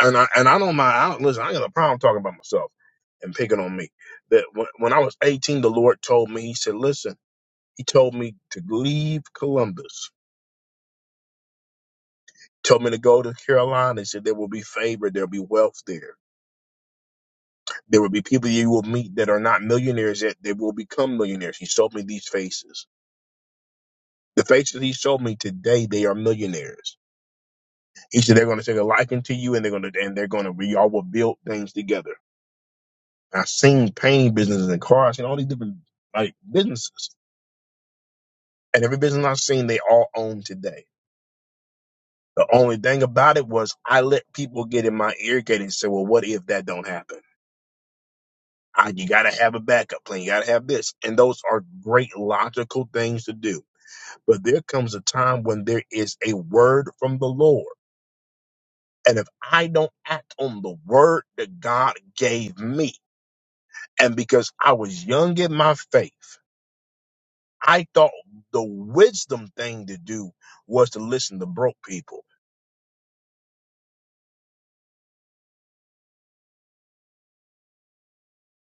S1: and I and I don't mind. I don't, listen, I ain't got a problem talking about myself and picking on me. That when, when I was 18, the Lord told me. He said, "Listen." He told me to leave Columbus told me to go to Carolina. Said there will be favor, there will be wealth there. There will be people you will meet that are not millionaires yet. They will become millionaires. He showed me these faces. The faces he showed me today, they are millionaires. He said they're going to take a liking to you, and they're going to and they're going to we all will build things together. I've seen painting businesses and cars and all these different like businesses, and every business I've seen, they all own today. The only thing about it was I let people get in my ear gate and say, "Well, what if that don't happen?" I, you got to have a backup plan. You got to have this. And those are great logical things to do. But there comes a time when there is a word from the Lord. And if I don't act on the word that God gave me, and because I was young in my faith, I thought the wisdom thing to do was to listen to broke people.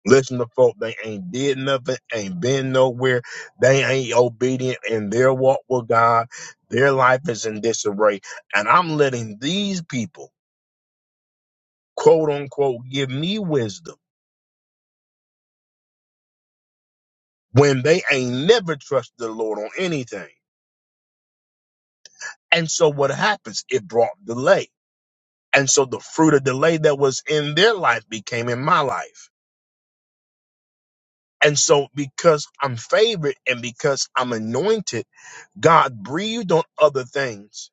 S1: Listen to folk, they ain't did nothing, ain't been nowhere. They ain't obedient in their walk with God. Their life is in disarray. And I'm letting these people, quote unquote, give me wisdom when they ain't never trusted the Lord on anything. And so what happens? It brought delay. And so the fruit of delay that was in their life became in my life. And so because I'm favored and because I'm anointed, God breathed on other things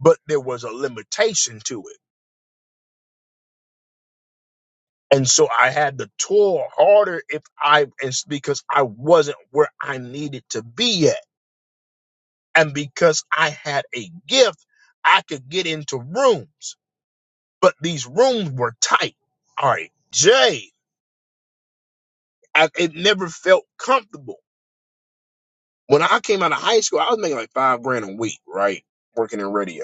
S1: but there was a limitation to it. And so I had to toil harder if I, it's because I wasn't where I needed to be at. And because I had a gift, I could get into rooms, but these rooms were tight. All right, Jay, I, it never felt comfortable. When I came out of high school, I was making like five grand a week, right? Working in radio.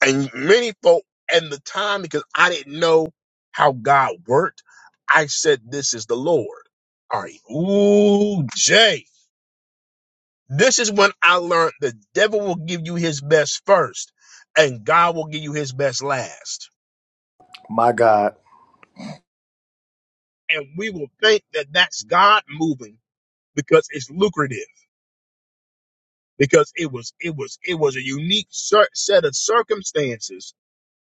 S1: and many folk and the time because I didn't know how God worked. I said, "This is the Lord." All right, ooh, Jay. This is when I learned the devil will give you his best first, and God will give you his best last.
S5: My God.
S1: And we will think that that's God moving because it's lucrative. Because it was, it was, it was a unique cer- set of circumstances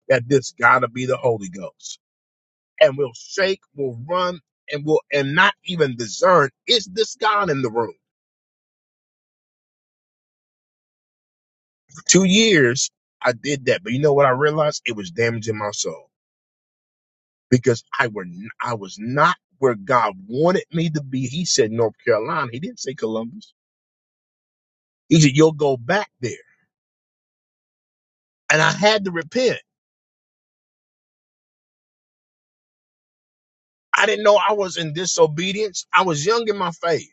S1: that this got to be the Holy Ghost. and we'll shake, we'll run, and we'll and not even discern is this God in the room. For two years I did that, but you know what I realized? It was damaging my soul because I were n- I was not where God wanted me to be. He said North Carolina. He didn't say Columbus. He said you'll go back there, and I had to repent. I didn't know I was in disobedience. I was young in my faith.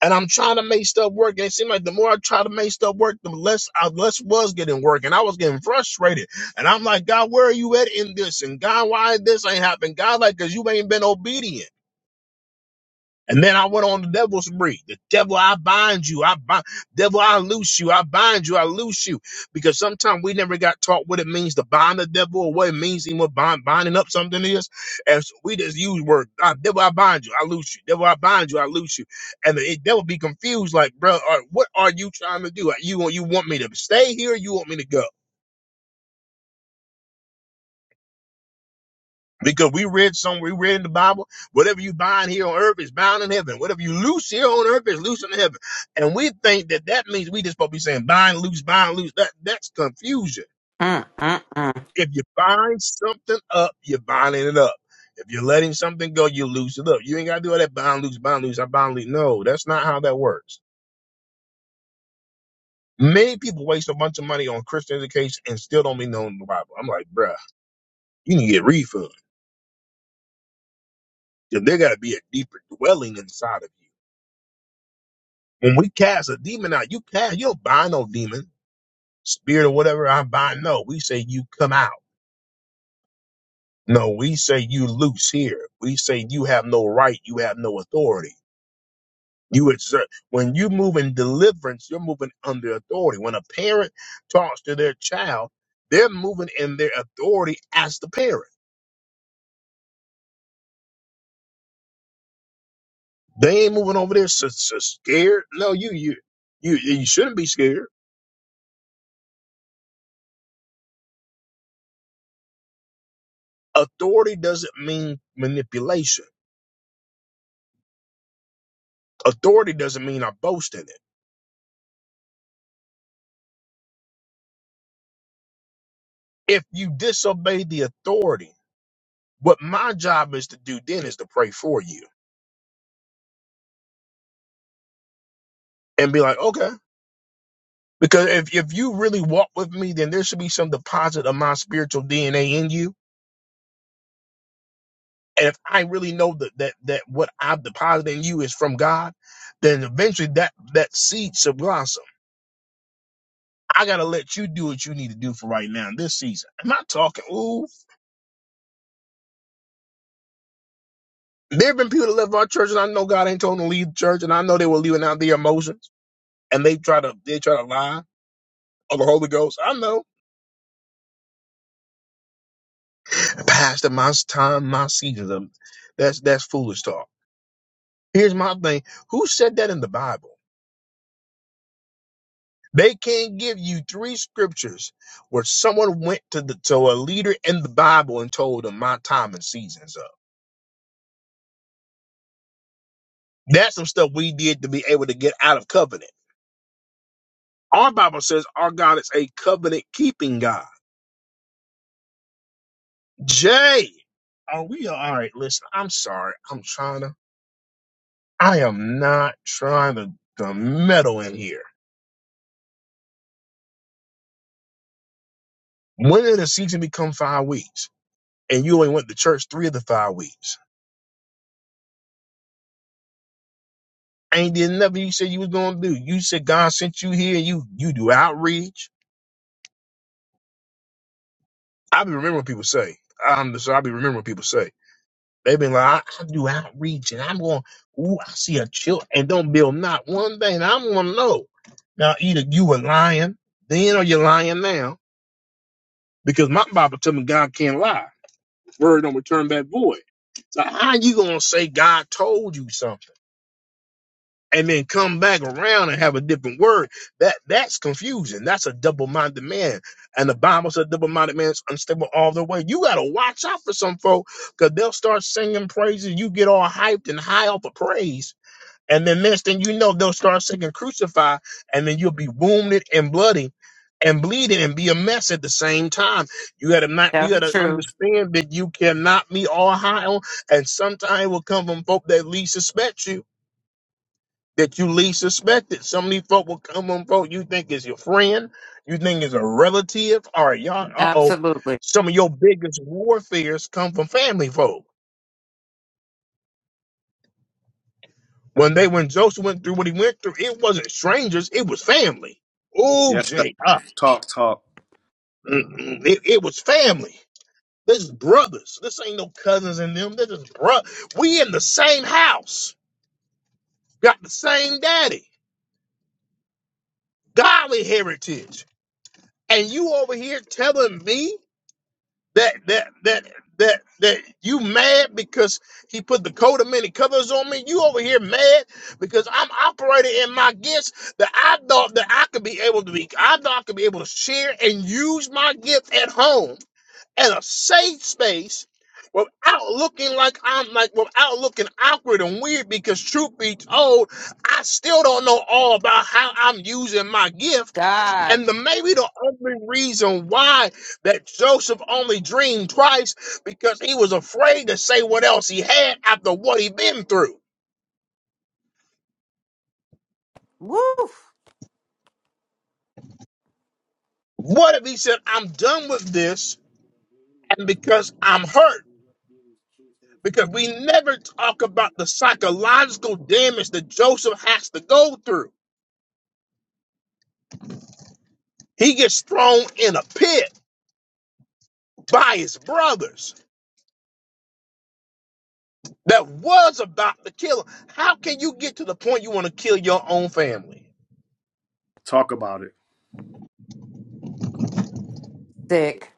S1: And I'm trying to make stuff work. And it seemed like the more I tried to make stuff work, the less I less was getting work. And I was getting frustrated. And I'm like, God, where are you at in this? And God, why this ain't happened? God, like, cause you ain't been obedient. And then I went on the devil's spree. The devil, I bind you. I bind, devil, I loose you. I bind you. I loose you. Because sometimes we never got taught what it means to bind the devil or what it means even what bind, binding up something is. And so we just use word, ah, devil, I bind you. I loose you. Devil, I bind you. I loose you. And the devil be confused like, bro, are- what are you trying to do? You, want- you want me to stay here? Or you want me to go? Because we read somewhere, we read in the Bible, whatever you bind here on earth is bound in heaven. Whatever you loose here on earth is loose in heaven. And we think that that means we just supposed to be saying bind, loose, bind, loose. That that's confusion.
S4: Mm, mm, mm.
S1: If you bind something up, you're binding it up. If you're letting something go, you loose it up. You ain't gotta do all that bind, loose, bind, loose. I bind, loose. No, that's not how that works. Many people waste a bunch of money on Christian education and still don't be knowing the Bible. I'm like, bruh, you need to get refund. 'Cause There gotta be a deeper dwelling inside of you. When we cast a demon out, you cast, you don't bind no demon, spirit or whatever I bind. No, we say you come out. No, we say you loose here. We say you have no right. You have no authority. You exert. When you move in deliverance, you're moving under authority. When a parent talks to their child, they're moving in their authority as the parent. They ain't moving over there so, so scared. No, you, you, you, you shouldn't be scared. Authority doesn't mean manipulation. Authority doesn't mean I boast in it. If you disobey the authority, what my job is to do then is to pray for you and be like, okay. Because if, if you really walk with me, then there should be some deposit of my spiritual DNA in you. And if I really know that that, that what I've deposited in you is from God, then eventually that that seed should blossom. I gotta let you do what you need to do for right now in this season. I'm not talking, ooh. There have been people that left our church and I know God ain't told them to leave the church and I know they were leaving out their emotions and they try to they try to lie of the Holy Ghost. I know. Pastor, my time, my season. um, That's that's foolish talk. Here's my thing. Who said that in the Bible? They can't give you three scriptures where someone went to the to a leader in the Bible and told them my time and season's up. That's some stuff we did to be able to get out of covenant. Our Bible says our God is a covenant keeping God. Jay, are we all right? Listen, I'm sorry. I'm trying to. I am not trying to, to meddle in here. When did a season become five weeks? And you only went to church three of the five weeks. Ain't did nothing you said you was gonna do. You said God sent you here and you you do outreach. I be remembering what people say. I'm so I be remembering what people say. They've been like, I, I do outreach and I'm going, ooh, I see a chill and don't build not one thing. And I'm gonna know. Now either you were lying then or you're lying now. Because my Bible tell me God can't lie. Word don't return back void. So how you gonna say God told you something? and then come back around and have a different word. That that's confusion. That's a double-minded man. And the Bible said double-minded man is unstable all the way. You gotta watch out for some folk because they'll start singing praises. You get all hyped and high off of praise. And then next thing you know, they'll start singing crucify, and then you'll be wounded and bloody and bleeding and be a mess at the same time. You gotta not
S4: Tell
S1: you
S4: the
S1: gotta
S4: truth.
S1: understand that you cannot be all high on and sometimes it will come from folk that least suspect you that you least suspected. Some of these folk will come on folk you think is your friend, you think is a relative, alright y'all. Uh oh,
S4: Absolutely.
S1: some of your biggest warfares come from family folk. When they when Joseph went through what he went through, it wasn't strangers, it was family. Oh,
S5: Yes, sir.
S1: Jay, ah,
S5: Talk, talk,
S1: mm-mm, it, it was family. This is brothers. This ain't no cousins in them. This is bro. We in the same house, got the same daddy, godly heritage, and you over here telling me. that that that that that you mad because he put the coat of many colors on me you over here mad because i'm operating in my gifts that i thought that i could be able to be i thought i could be able to share and use my gifts at home in a safe space without looking like I'm like without looking awkward and weird because truth be told, I still don't know all about how I'm using my gift.
S4: God.
S1: And the maybe the only reason why that Joseph only dreamed twice because he was afraid to say what else he had after what he'd been through.
S4: Woo.
S1: What if he said, I'm done with this and because I'm hurt? Because we never talk about the psychological damage that Joseph has to go through He gets thrown in a pit by his brothers that was about to kill him. How can you get to the point you want to kill your own family?
S5: talk about it.
S4: sick.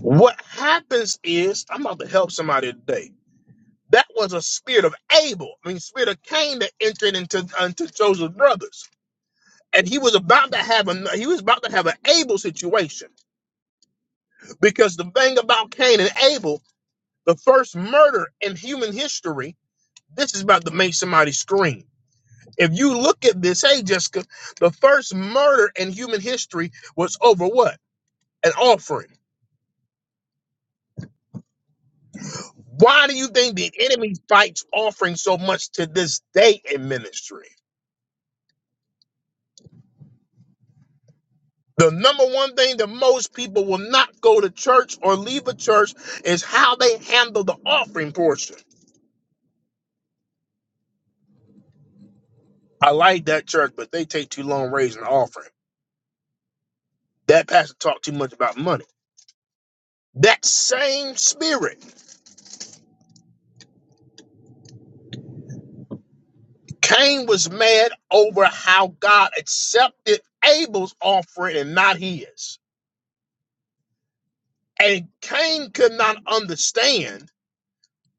S1: What happens is, I'm about to help somebody today. That was a spirit of Abel, I mean, spirit of Cain that entered into, into Joseph's brothers. And he was about to have a he was about to have an Abel situation because the thing about Cain and Abel, the first murder in human history, this is about to make somebody scream If you look at this, hey, Jessica, the first murder in human history was over what? An offering. Why do you think the enemy fights offering so much to this day in ministry? The number one thing that most people will not go to church or leave a church is how they handle the offering portion. I like that church, but they take too long raising the offering. That pastor talked too much about money. That same spirit Cain was mad over how God accepted Abel's offering and not his. And Cain could not understand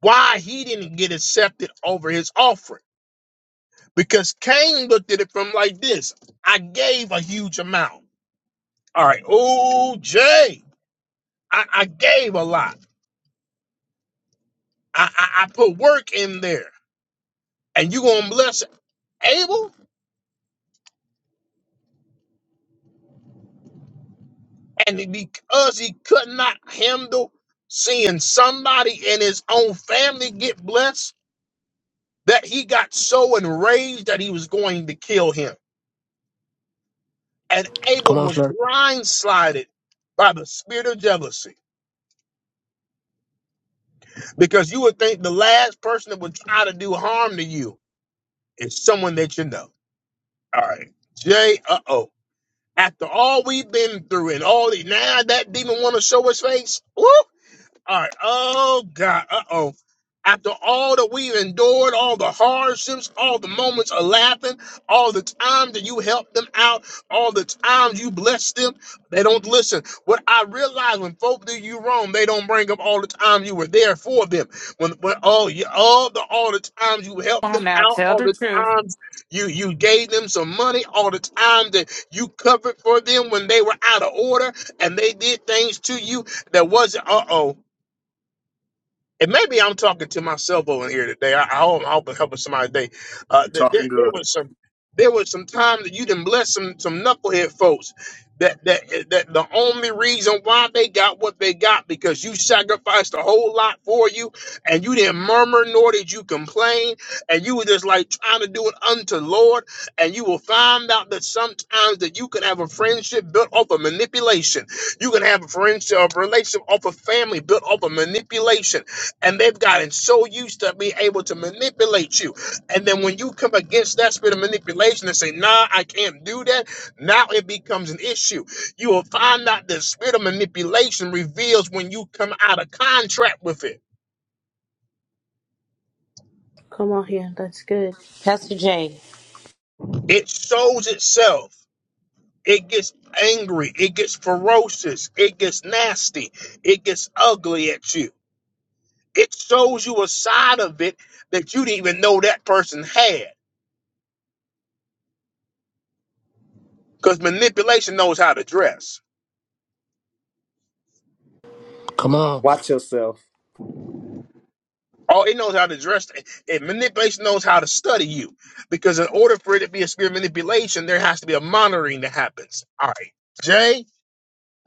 S1: why he didn't get accepted over his offering because Cain looked at it from like this I gave a huge amount. All right. Oh, Jay, I, I gave a lot. I, I, I put work in there. And you going to bless Abel? And because he could not handle seeing somebody in his own family get blessed, that he got so enraged that he was going to kill him. And Abel
S9: Come on,
S1: was
S9: sir.
S1: blindsided by the spirit of jealousy because you would think the last person that would try to do harm to you is someone that you know. All right, Jay. Uh oh. After all we've been through and all the now that demon want to show his face. Woo! All right. Oh God. Uh oh. After all that we've endured, all the hardships, all the moments of laughing, all the time that you helped them out, all the times you blessed them, they don't listen. What I realize when folk do you wrong, they don't bring up all the time you were there for them. When, when all, you, all the all the times you helped
S4: Come on
S1: them
S4: now,
S1: out,
S4: tell
S1: all
S4: the
S1: the
S4: truth.
S1: times you you gave them some money, all the time that you covered for them when they were out of order and they did things to you that wasn't. Uh oh and maybe I'm talking to myself over here today. I, I hope I'm helping helping somebody today. Uh,
S5: You
S1: th- there,
S5: talking
S1: there
S5: good.
S1: was some there was some time that you didn't bless some some knucklehead folks that that that the only reason why they got what they got because you sacrificed a whole lot for you and you didn't murmur nor did you complain and you were just like trying to do it unto Lord and you will find out that sometimes that you can have a friendship built off of manipulation. You can have a friendship a relationship off of family built off of manipulation and they've gotten so used to being able to manipulate you. And then when you come against that spirit of manipulation and say, nah, I can't do that, now it becomes an issue. You will find out the spirit of manipulation reveals when you come out of contract with it.
S10: Come on here. That's good.
S11: Pastor Jay.
S1: It shows itself. It gets angry. It gets ferocious. It gets nasty. It gets ugly at you. It shows you a side of it that you didn't even know that person had. Because manipulation knows how to dress.
S9: Come on.
S5: Watch yourself.
S1: Oh, it knows how to dress. It manipulation knows how to study you, because in order for it to be a spirit of manipulation, there has to be a monitoring that happens. All right, Jay,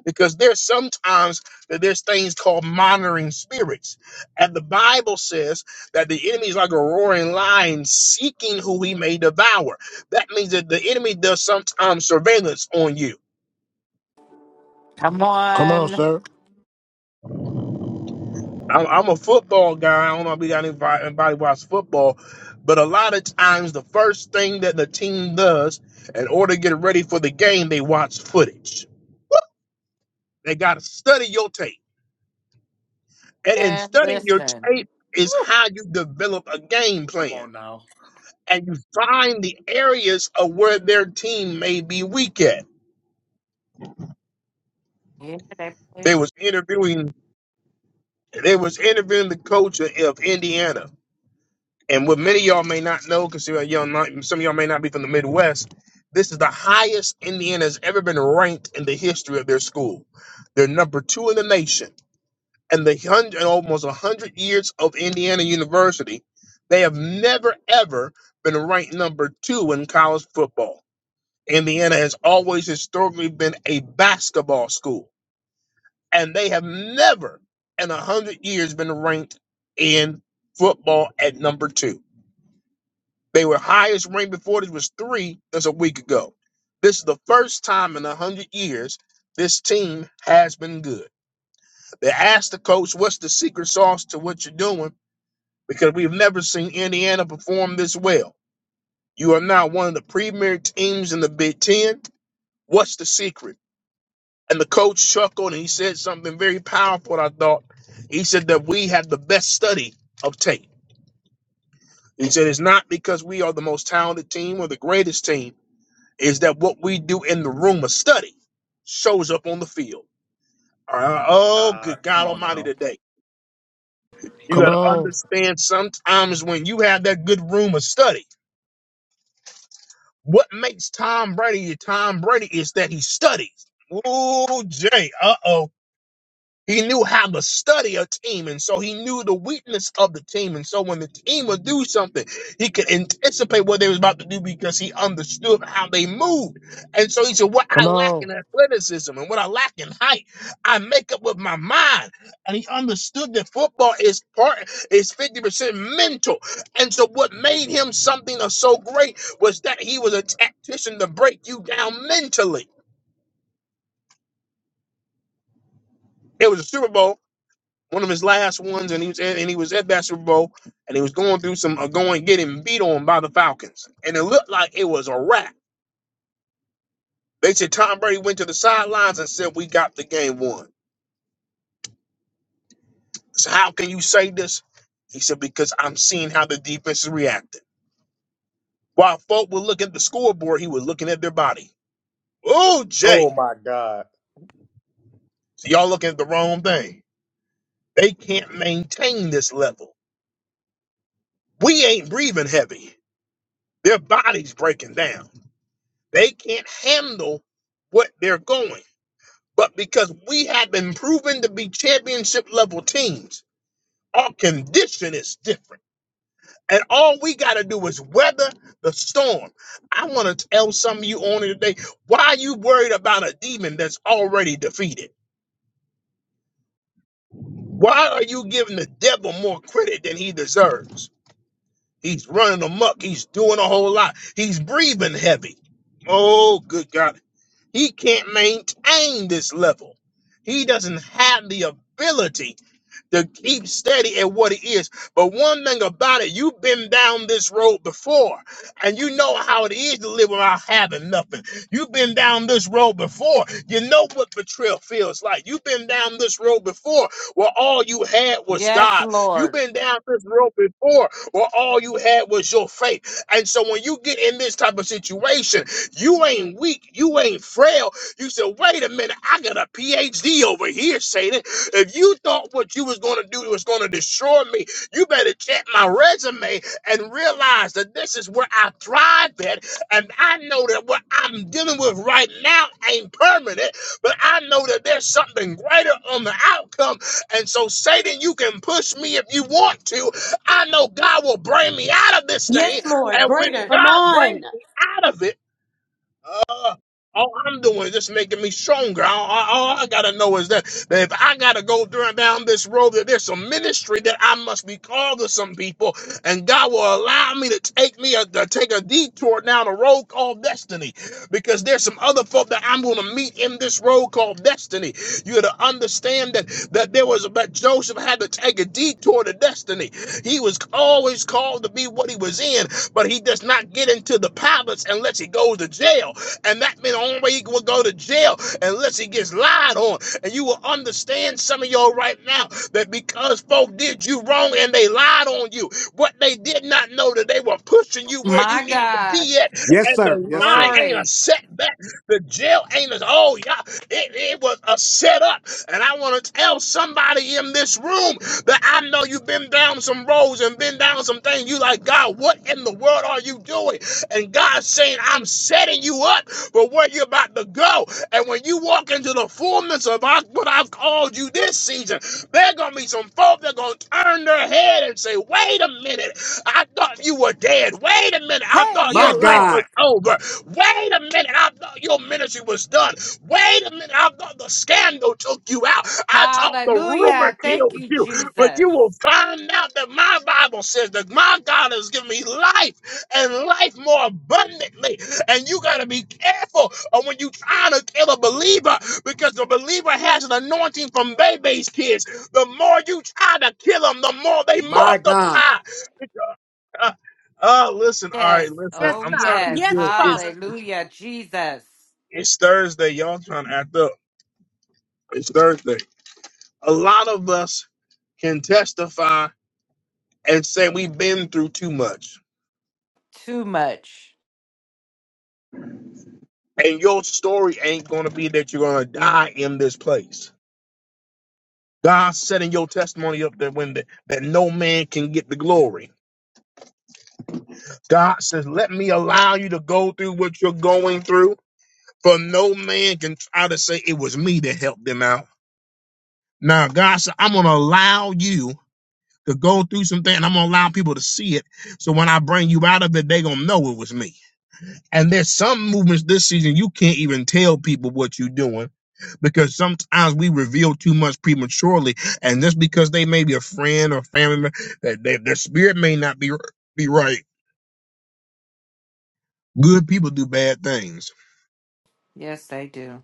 S1: because there's sometimes that there's things called monitoring spirits, and the Bible says that the enemy is like a roaring lion seeking who he may devour. That means that the enemy does sometimes surveillance on you.
S4: Come
S9: Come on,
S4: on
S9: sir.
S1: I'm, I'm a football guy. I don't know if you got anybody, anybody watch football, but a lot of times the first thing that the team does in order to get ready for the game, they watch footage. They got to study your tape, and in
S4: and
S1: studying your
S4: listen.
S1: tape is
S4: Woo.
S1: how you develop a game
S5: Come
S1: plan,
S5: on now.
S1: and you find the areas of where their team may be weak at.
S4: Yeah, they play.
S1: They was interviewing. They was interviewing the coach of Indiana And what many of y'all may not know, because some of y'all not- some of y'all may not be from the Midwest, this is the highest Indiana has ever been ranked in the history of their school. They're number two in the nation. And the hundred, almost 100 years of Indiana University, they have never, ever been ranked number two in college football. Indiana has always historically been a basketball school, and they have never in 100 years been ranked in football at number two. They were highest ranked before this was three as a week ago. This is the first time in a hundred years this team has been good. They asked the coach, "What's the secret sauce to what you're doing?" Because we've never seen Indiana perform this well. You are now one of the premier teams in the Big Ten. What's the secret? And the coach chuckled and he said something very powerful. I thought he said that we have the best study of tape. He said it's not because we are the most talented team or the greatest team. is that what we do in the room of study shows up on the field. All right. Oh,
S5: God,
S1: good
S5: come
S1: God
S5: on
S1: Almighty
S5: now.
S1: today. You
S9: Come
S1: got to
S9: on.
S1: understand sometimes when you have that good room of study, what makes Tom Brady Tom Brady is that he studies. Ooh, Jay. Uh oh. He knew how to study a team, and so he knew the weakness of the team. And so when the team would do something, he could anticipate what they was about to do because he understood how they moved. And so he said, What
S9: Come
S1: I lack
S9: on.
S1: in athleticism and what I lack in height, I make up with my mind. And he understood that football is part is 50% mental. And so what made him something of so great was that he was a tactician to break you down mentally. It was a Super Bowl one of his last ones, and he was at, and he was at that Super Bowl, and he was going through some uh, going getting beat on by the Falcons, and it looked like it was a wrap. They said Tom Brady went to the sidelines and said, "We got the game won." So how can you say this? He said, "Because I'm seeing how the defense is reacting." While folk were looking at the scoreboard, he was looking at their body. Oh,
S5: Oh
S1: Jay,
S5: my God.
S1: so y'all looking at the wrong thing. They can't maintain this level. We ain't breathing heavy. Their body's breaking down. They can't handle what they're going. But because we have been proven to be championship level teams, our condition is different. And all we got to do is weather the storm. I want to tell some of you on here today why are you worried about a demon that's already defeated? Why are you giving the devil more credit than he deserves? He's running amok. He's doing a whole lot. He's breathing heavy. Oh, good God. He can't maintain this level. He doesn't have the ability to keep steady at what it is. But one thing about it, you've been down this road before, and you know how it is to live without having nothing. You've been down this road before. You know what betrayal feels like. You've been down this road before where all you had was
S4: Yes,
S1: God. You've
S4: Lord.
S1: been down this road before where all you had was your faith. And so when you get in this type of situation, you ain't weak, you ain't frail, you said, wait a minute, I got a PhD over here, Satan. If you thought what you was gonna do was gonna destroy me, you better check my resume and realize that this is where I thrived at. And I know that what I'm dealing with right now ain't permanent, but I know that there's something greater on the outcome. And so, Satan, you can push me if you want to. I know God will bring me out of this thing.
S11: Yes, Lord.
S1: And when
S11: Greater.
S10: Come
S1: God
S10: on.
S1: brings me out of it, uh, All I'm doing is just making me stronger. All, all- all I gotta know is that, that if I gotta go through, down this road, that there's some ministry that I must be called to some people, and God will allow me to take me a, to take a detour down a road called destiny because there's some other folk that I'm going to meet in this road called destiny. You got to understand that that there was but Joseph had to take a detour to destiny. He was always called to be what he was in, but he does not get into the palace unless he goes to jail. And that means the only way he will go to jail unless he gets lied on. And you will understand some of y'all right now that because folk did you wrong and they lied on you, what they did not know that they were pushing you where you
S4: My
S1: needed to
S4: God.
S1: be at
S5: Yes,
S1: and
S5: sir.
S1: the
S5: Yes,
S1: lie
S5: sir.
S1: ain't a
S4: Glory.
S1: setback. The jail ain't a oh yeah, it, it was a setup. And I want to tell somebody in this room that I know you've been down some roads and been down some things. You like God, what in the world are you doing? And God's saying, I'm setting you up for where you're about to go. And when you walk into the fullness of of I, what I've called you this season. There gonna be some folk that gonna turn their head and say, "Wait a minute, I thought you were dead. Wait a minute, I
S11: Hey,
S1: thought
S5: My
S1: your
S11: yes,
S1: life
S11: Lord.
S5: God.
S1: was over. Wait a minute, I thought your ministry was done. Wait a minute, I thought the scandal took you out. I thought the rumor
S4: Hallelujah. Thank
S1: killed
S4: you,
S1: you, but you
S4: Jesus.
S1: will find out that my Bible says that my God has given me life and life more abundantly. And you got to be careful of when you trying to kill a believer because the believer has an anointing from baby's kids. The more you try to kill them, the more they
S5: My
S1: multiply.
S5: God.
S1: Uh, uh, listen, all
S4: Yes.
S1: right, listen.
S11: Yes,
S4: Oh,
S1: I'm
S11: God.
S1: trying to be
S4: yes.
S11: Yes,
S1: good. It's
S11: Father.
S4: Hallelujah, Jesus.
S1: it's Thursday. Y'all trying to act up. It's Thursday. A lot of us can testify and say we've been through too much.
S4: Too much.
S1: And your story ain't going to be that you're going to die in this place God setting your testimony up that when the, that no man can get the glory. God says, "Let me allow you to go through what you're going through, for no man can try to say it was me that helped them out." Now, God said, "I'm going to allow you to go through some things. I'm going to allow people to see it, so when I bring you out of it, they're going to know it was me." And there's some movements this season you can't even tell people what you're doing because sometimes we reveal too much prematurely. And just because they may be a friend or family member, that they, their spirit may not be be right. Good people do bad things.
S4: Yes, they do.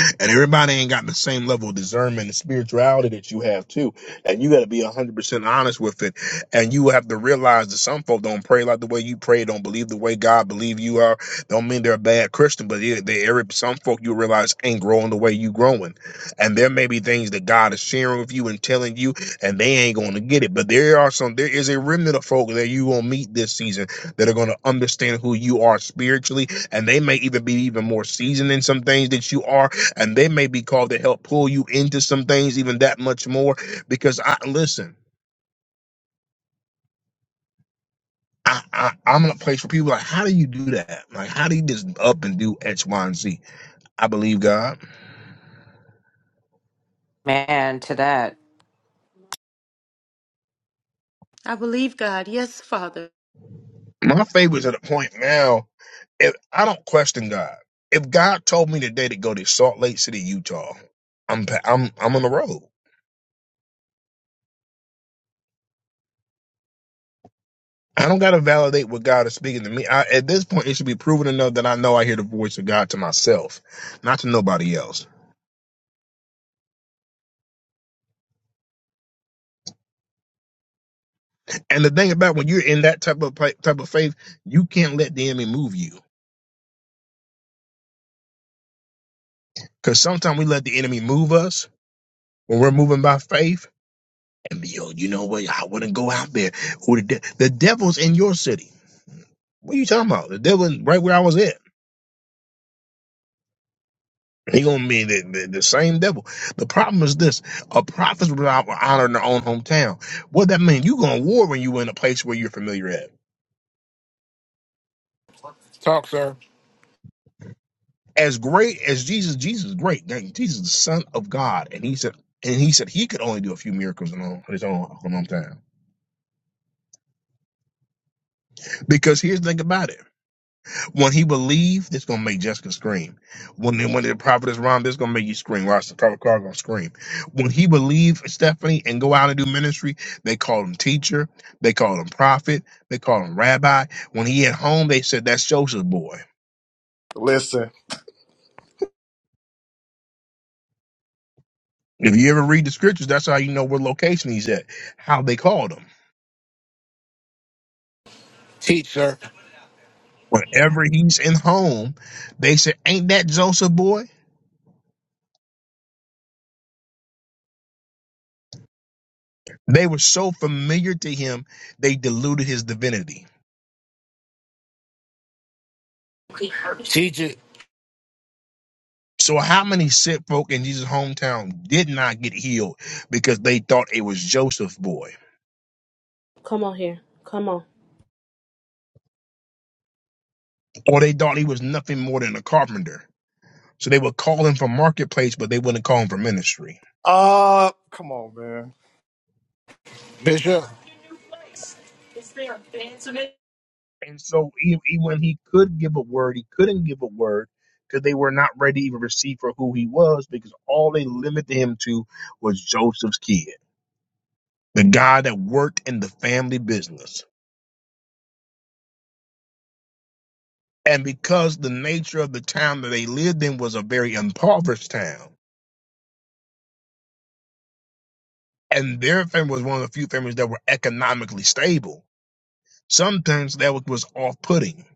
S1: and everybody ain't got the same level of discernment and spirituality that you have too. And you got to be one hundred percent honest with it. And you have to realize that some folk don't pray like the way you pray, don't believe the way God believe you are. Don't mean they're a bad Christian, but they, they every- some folk you realize ain't growing the way you growing. And there may be things that God is sharing with you and telling you, and they ain't going to get it. But there are some. There is a remnant of folk that you will meet this season that are going to understand who you are spiritually, and they may even be even more seasoned in some things that you are and they may be called to help pull you into some things even that much more because i listen I, I, I'm in a place where people are like, how do you do that? Like, how do you just up and do X, Y, and Z? I believe God.
S4: Man, to that.
S11: I believe God. Yes, Father.
S1: My favorite's at a point now, if I don't question God. If God told me today to go to Salt Lake City, Utah, I'm pa- I'm I'm on the road. I don't gotta validate what God is speaking to me. I, at this point, it should be proven enough that I know I hear the voice of God to myself, not to nobody else. And the thing about when you're in that type of pla- type of faith, you can't let the enemy move you. Because sometimes we let the enemy move us when we're moving by faith. And yo, you know what? I wouldn't go out there. Who the, de- the devil's in your city? What are you talking about? The devil right where I was at. He gonna be the, the, the same devil. The problem is this: a prophet's without honor in their own hometown. What that mean? You gonna war when you in a place where you're familiar at.
S9: Talk, sir.
S1: as great as Jesus, Jesus is great. Like, Jesus is the Son of God, and he said, and he said he could only do a few miracles on his own on his own time. Because here's the thing about it: when he believed, it's gonna make Jessica scream. When the, when the prophet is wrong, this gonna make you scream. Watch the prophet Carl gonna scream. When he believed Stephanie and go out and do ministry, they called him teacher, they called him prophet, they called him rabbi. When he at home, they said that's Joseph's boy.
S5: Listen.
S1: If you ever read the scriptures, that's how you know what location he's at, how they called him.
S9: Teach, sir.
S1: whenever he's in home, they said, Ain't that Joseph boy? They were so familiar to him, they diluted his divinity.
S9: Teach it.
S1: So, how many sick folk in Jesus' hometown did not get healed because they thought it was Joseph's boy,
S10: Come on here. Come on.
S1: or they thought he was nothing more than a carpenter? So, they would call him for marketplace, but they wouldn't call him for ministry.
S5: Uh, come on, man.
S9: Bishop.
S1: And so, e, even when he could give a word, he couldn't give a word because they were not ready to even receive for who he was because all they limited him to was Joseph's kid. the guy that worked in the family business. And because the nature of the town that they lived in was a very impoverished town, and their family was one of the few families that were economically stable, sometimes that was was off-putting.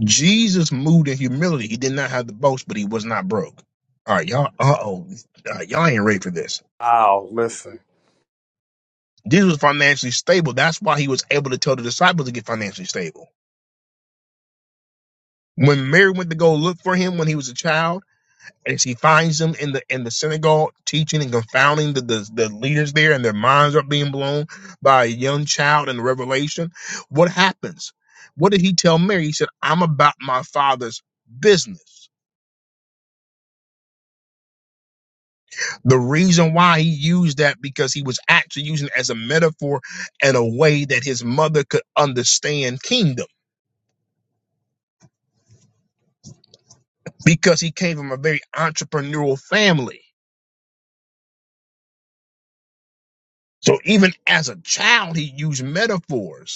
S1: Jesus moved in humility. He did not have the boast, but he was not broke. All right, y'all. Uh oh, uh, y'all ain't ready for this.
S5: Wow, listen.
S1: Jesus was financially stable. That's why he was able to tell the disciples to get financially stable. When Mary went to go look for him when he was a child and she finds them in the in the synagogue teaching and confounding the, the, the leaders there and their minds are being blown by a young child in revelation what happens what did he tell mary he said i'm about my father's business the reason why he used that because he was actually using it as a metaphor and a way that his mother could understand kingdom because he came from a very entrepreneurial family so even as a child he used metaphors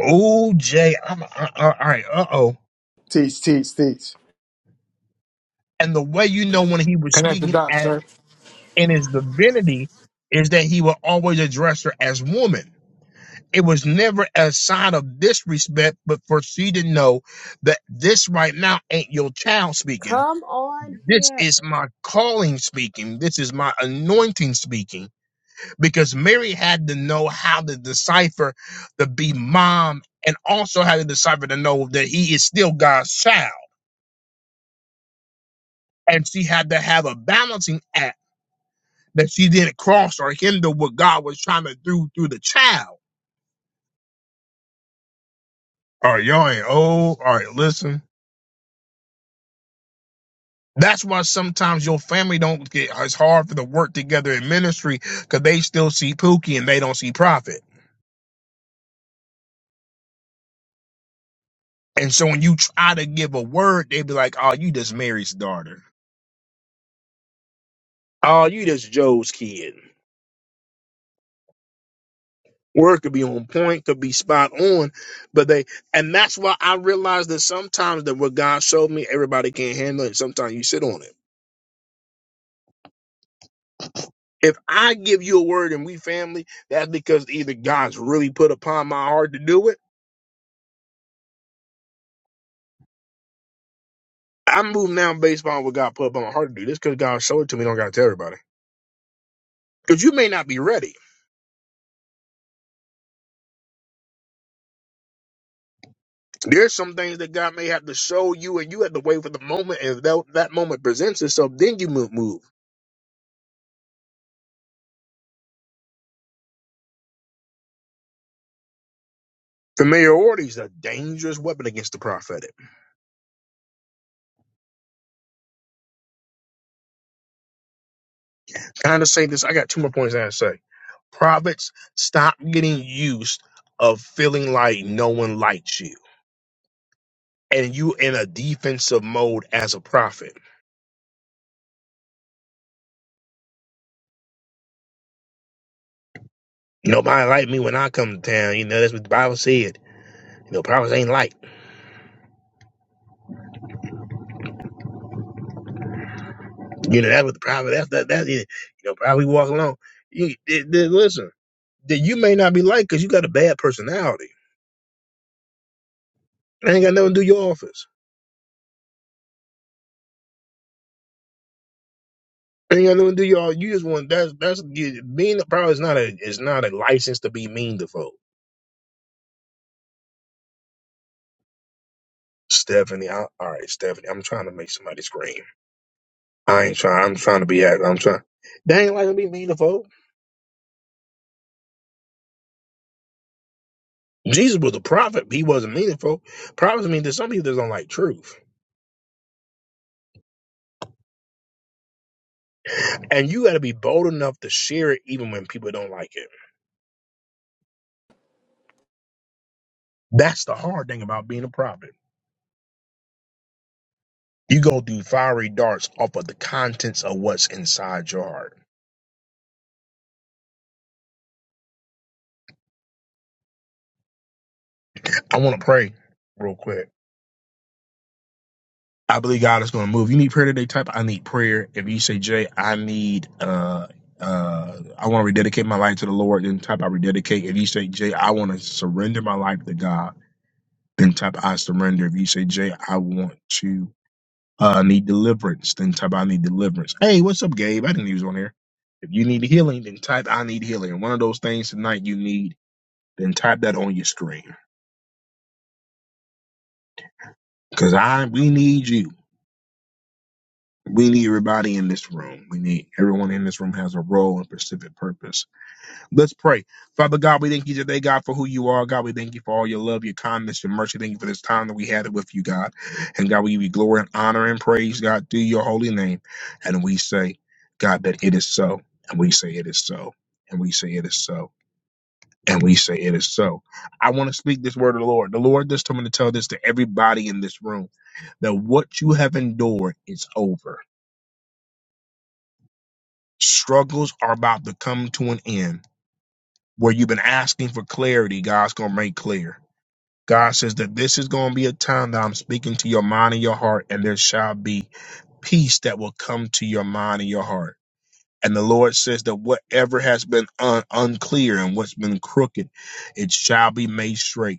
S1: Oh, Jay, I'm I, I, all right. Uh oh.
S5: Teach, teach, teach.
S1: And the way you know when he was
S9: Connect the
S1: speaking
S9: dots,
S1: at
S9: sir.
S1: in his divinity is that he would always address her as woman. It was never a sign of disrespect, but for she to know that this right now ain't your child speaking.
S10: Come on
S1: This
S10: here.
S1: is my calling speaking. This is my anointing speaking. Because Mary had to know how to decipher to be mom and also had to decipher to know that he is still God's child and she had to have a balancing act that she didn't cross or hinder what God was trying to do through the child. All right, y'all ain't old. All right, listen. That's why sometimes your family don't get it's hard for the work together in ministry because they still see Pookie and they don't see Prophet. And so when you try to give a word, they be like, "Oh, you just Mary's daughter. Oh, you just Joe's kid. word could be on point, could be spot on, but they and that's why I realized that sometimes that what God showed me, everybody can't handle it. Sometimes you sit on it. If I give you a word and we family, that's because either God's really put upon my heart to do it. I move now based on what God put upon my heart to do. This because God showed it to me. Don't gotta tell everybody. Because you may not be ready. There's some things that God may have to show you, and you have to wait for the moment. And if that, that moment presents itself, then you move. move. Familiarity is a dangerous weapon against the prophetic. kind of say this. I got two more points I gotta say. Prophets, stop getting used of feeling like no one likes you. And you in a defensive mode as a prophet. Nobody like me when I come to town. You know, that's what the Bible said. You know, prophets ain't like. You know, that's what the prophet, that's that, that's it. You know, probably walk along. You, th- th- listen, that you may not be liked because you got a bad personality. It ain't got nothing to do with your office. It ain't got nothing to do with your, you just want, that's, that's, you, being a prophet is not a, is not a license to be mean to folks. Stephanie, I, all right, Stephanie, I'm trying to make somebody scream. I ain't trying. I'm trying to be. act- I'm trying. They ain't like to be meaningful. Jesus was a prophet. But he wasn't meaningful. Prophets mean there's some people that don't like truth, and you got to be bold enough to share it even when people don't like it. That's the hard thing about being a prophet. You go through fiery darts off of the contents of what's inside your heart. I want to pray real quick. I believe God is going to move. You need prayer today. Type I need prayer. If you say Jay, I need uh uh I want to rededicate my life to the Lord. Then type I rededicate. If you say Jay, I want to surrender my life to God. Then type I surrender. If you say Jay, I want to uh need deliverance. Then type I need deliverance. Hey, what's up, Gabe? I didn't use on here. If you need healing, then type I need healing. One of those things tonight you need. Then type that on your screen because I we need you. We need everybody in this room. We need everyone in this room has a role and specific purpose. Let's pray. Father God, we thank you today, God, for who you are. God, we thank you for all your love, your kindness, your mercy. Thank you for this time that we had it with you, God. And God, we give you glory and honor and praise, God, through your holy name. And we say, God, that it is so. And we say it is so. And we say it is so. And we say it is so. I want to speak this word of the Lord. The Lord just told me to tell this to everybody in this room that what you have endured is over Struggles are about to come to an end. Where you've been asking for clarity, God's going to make clear. God says that this is going to be a time that I'm speaking to your mind and your heart, and there shall be peace that will come to your mind and your heart. And the Lord says that whatever has been un- unclear and what's been crooked, it shall be made straight.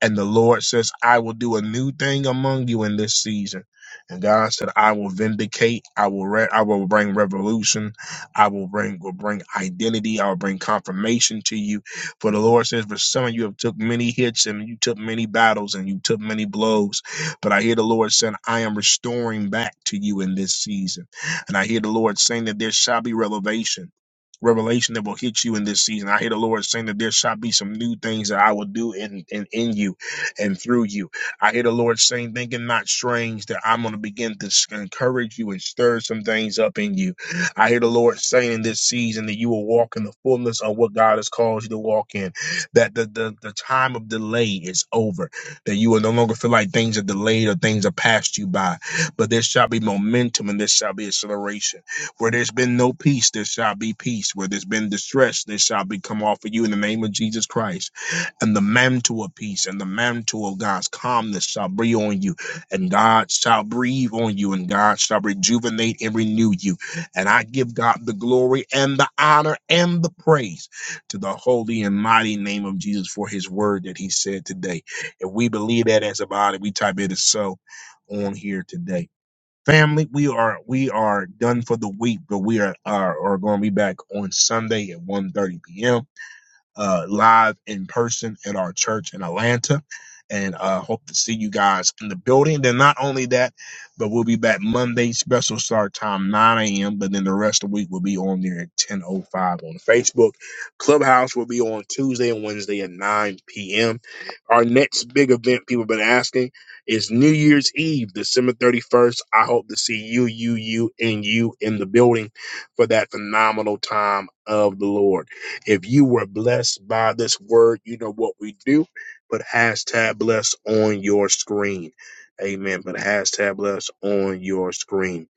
S1: And the Lord says, I will do a new thing among you in this season. And God said, I will vindicate. I will re- I will bring revolution. I will bring will bring identity. I will bring confirmation to you. For the Lord says, for some of you have took many hits and you took many battles and you took many blows. But I hear the Lord saying, I am restoring back to you in this season. And I hear the Lord saying that there shall be revelation revelation that will hit you in this season. I hear the Lord saying that there shall be some new things that I will do in, in, in you and through you. I hear the Lord saying, thinking not strange, that I'm going to begin to s- encourage you and stir some things up in you. I hear the Lord saying in this season that you will walk in the fullness of what God has called you to walk in, that the, the, the time of delay is over, that you will no longer feel like things are delayed or things are passed you by, but there shall be momentum and there shall be acceleration where there's been no peace, there shall be peace. Where there's been distress, there shall be come off of you in the name of Jesus Christ. And the mantle of peace and the mantle of God's calmness shall be on you, and God shall breathe on you, and God shall rejuvenate and renew you. And I give God the glory and the honor and the praise to the holy and mighty name of Jesus for his word that he said today. If we believe that as a body, we type it as so on here today. Family, we are we are done for the week, but we are are, are going to be back on Sunday at one thirty p.m uh, live in person at our church in Atlanta. And uh, hope to see you guys in the building. Then not only that, but we'll be back Monday, special start time 9 a.m. But then the rest of the week will be on there at 10:05 on Facebook. Clubhouse will be on Tuesday and Wednesday at 9 p.m. Our next big event people have been asking is New Year's Eve, December 31st. I hope to see you, you, you, and you in the building for that phenomenal time of the Lord. If you were blessed by this word, you know what we do. Put hashtag blessed on your screen. Amen. Put hashtag blessed on your screen.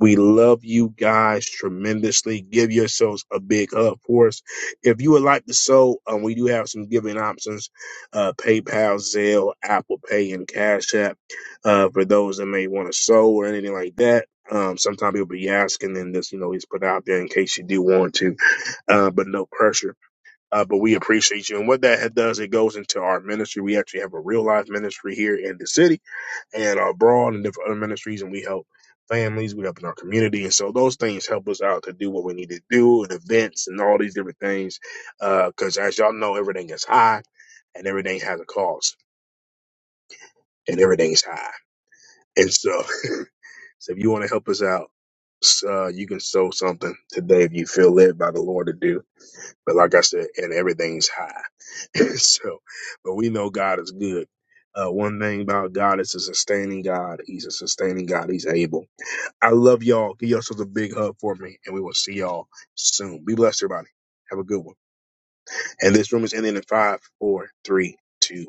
S1: We love you guys tremendously. Give yourselves a big hug for us. If you would like to sow, um, we do have some giving options uh, PayPal, Zelle, Apple Pay, and Cash App uh, for those that may want to sow or anything like that. Um, sometimes people be asking, and this, you know, is put out there in case you do want to, uh, but no pressure uh, but we appreciate you. And what that does, it goes into our ministry. We actually have a real life ministry here in the city and abroad and different other ministries, and we help families, we help in our community. And so those things help us out to do what we need to do and events and all these different things. Because as y'all know, everything is high and everything has a cost and everything's high. And so, so if you want to help us out, s- uh, you can sow something today if you feel led by the Lord to do. But like I said, and everything's high. so, but we know God is good. Uh, one thing about God is a sustaining God. He's a sustaining God. He's able. I love y'all. Give yourselves a big hug for me, and we will see y'all soon. Be blessed, everybody. Have a good one. And this room is ending in five, four, three, two,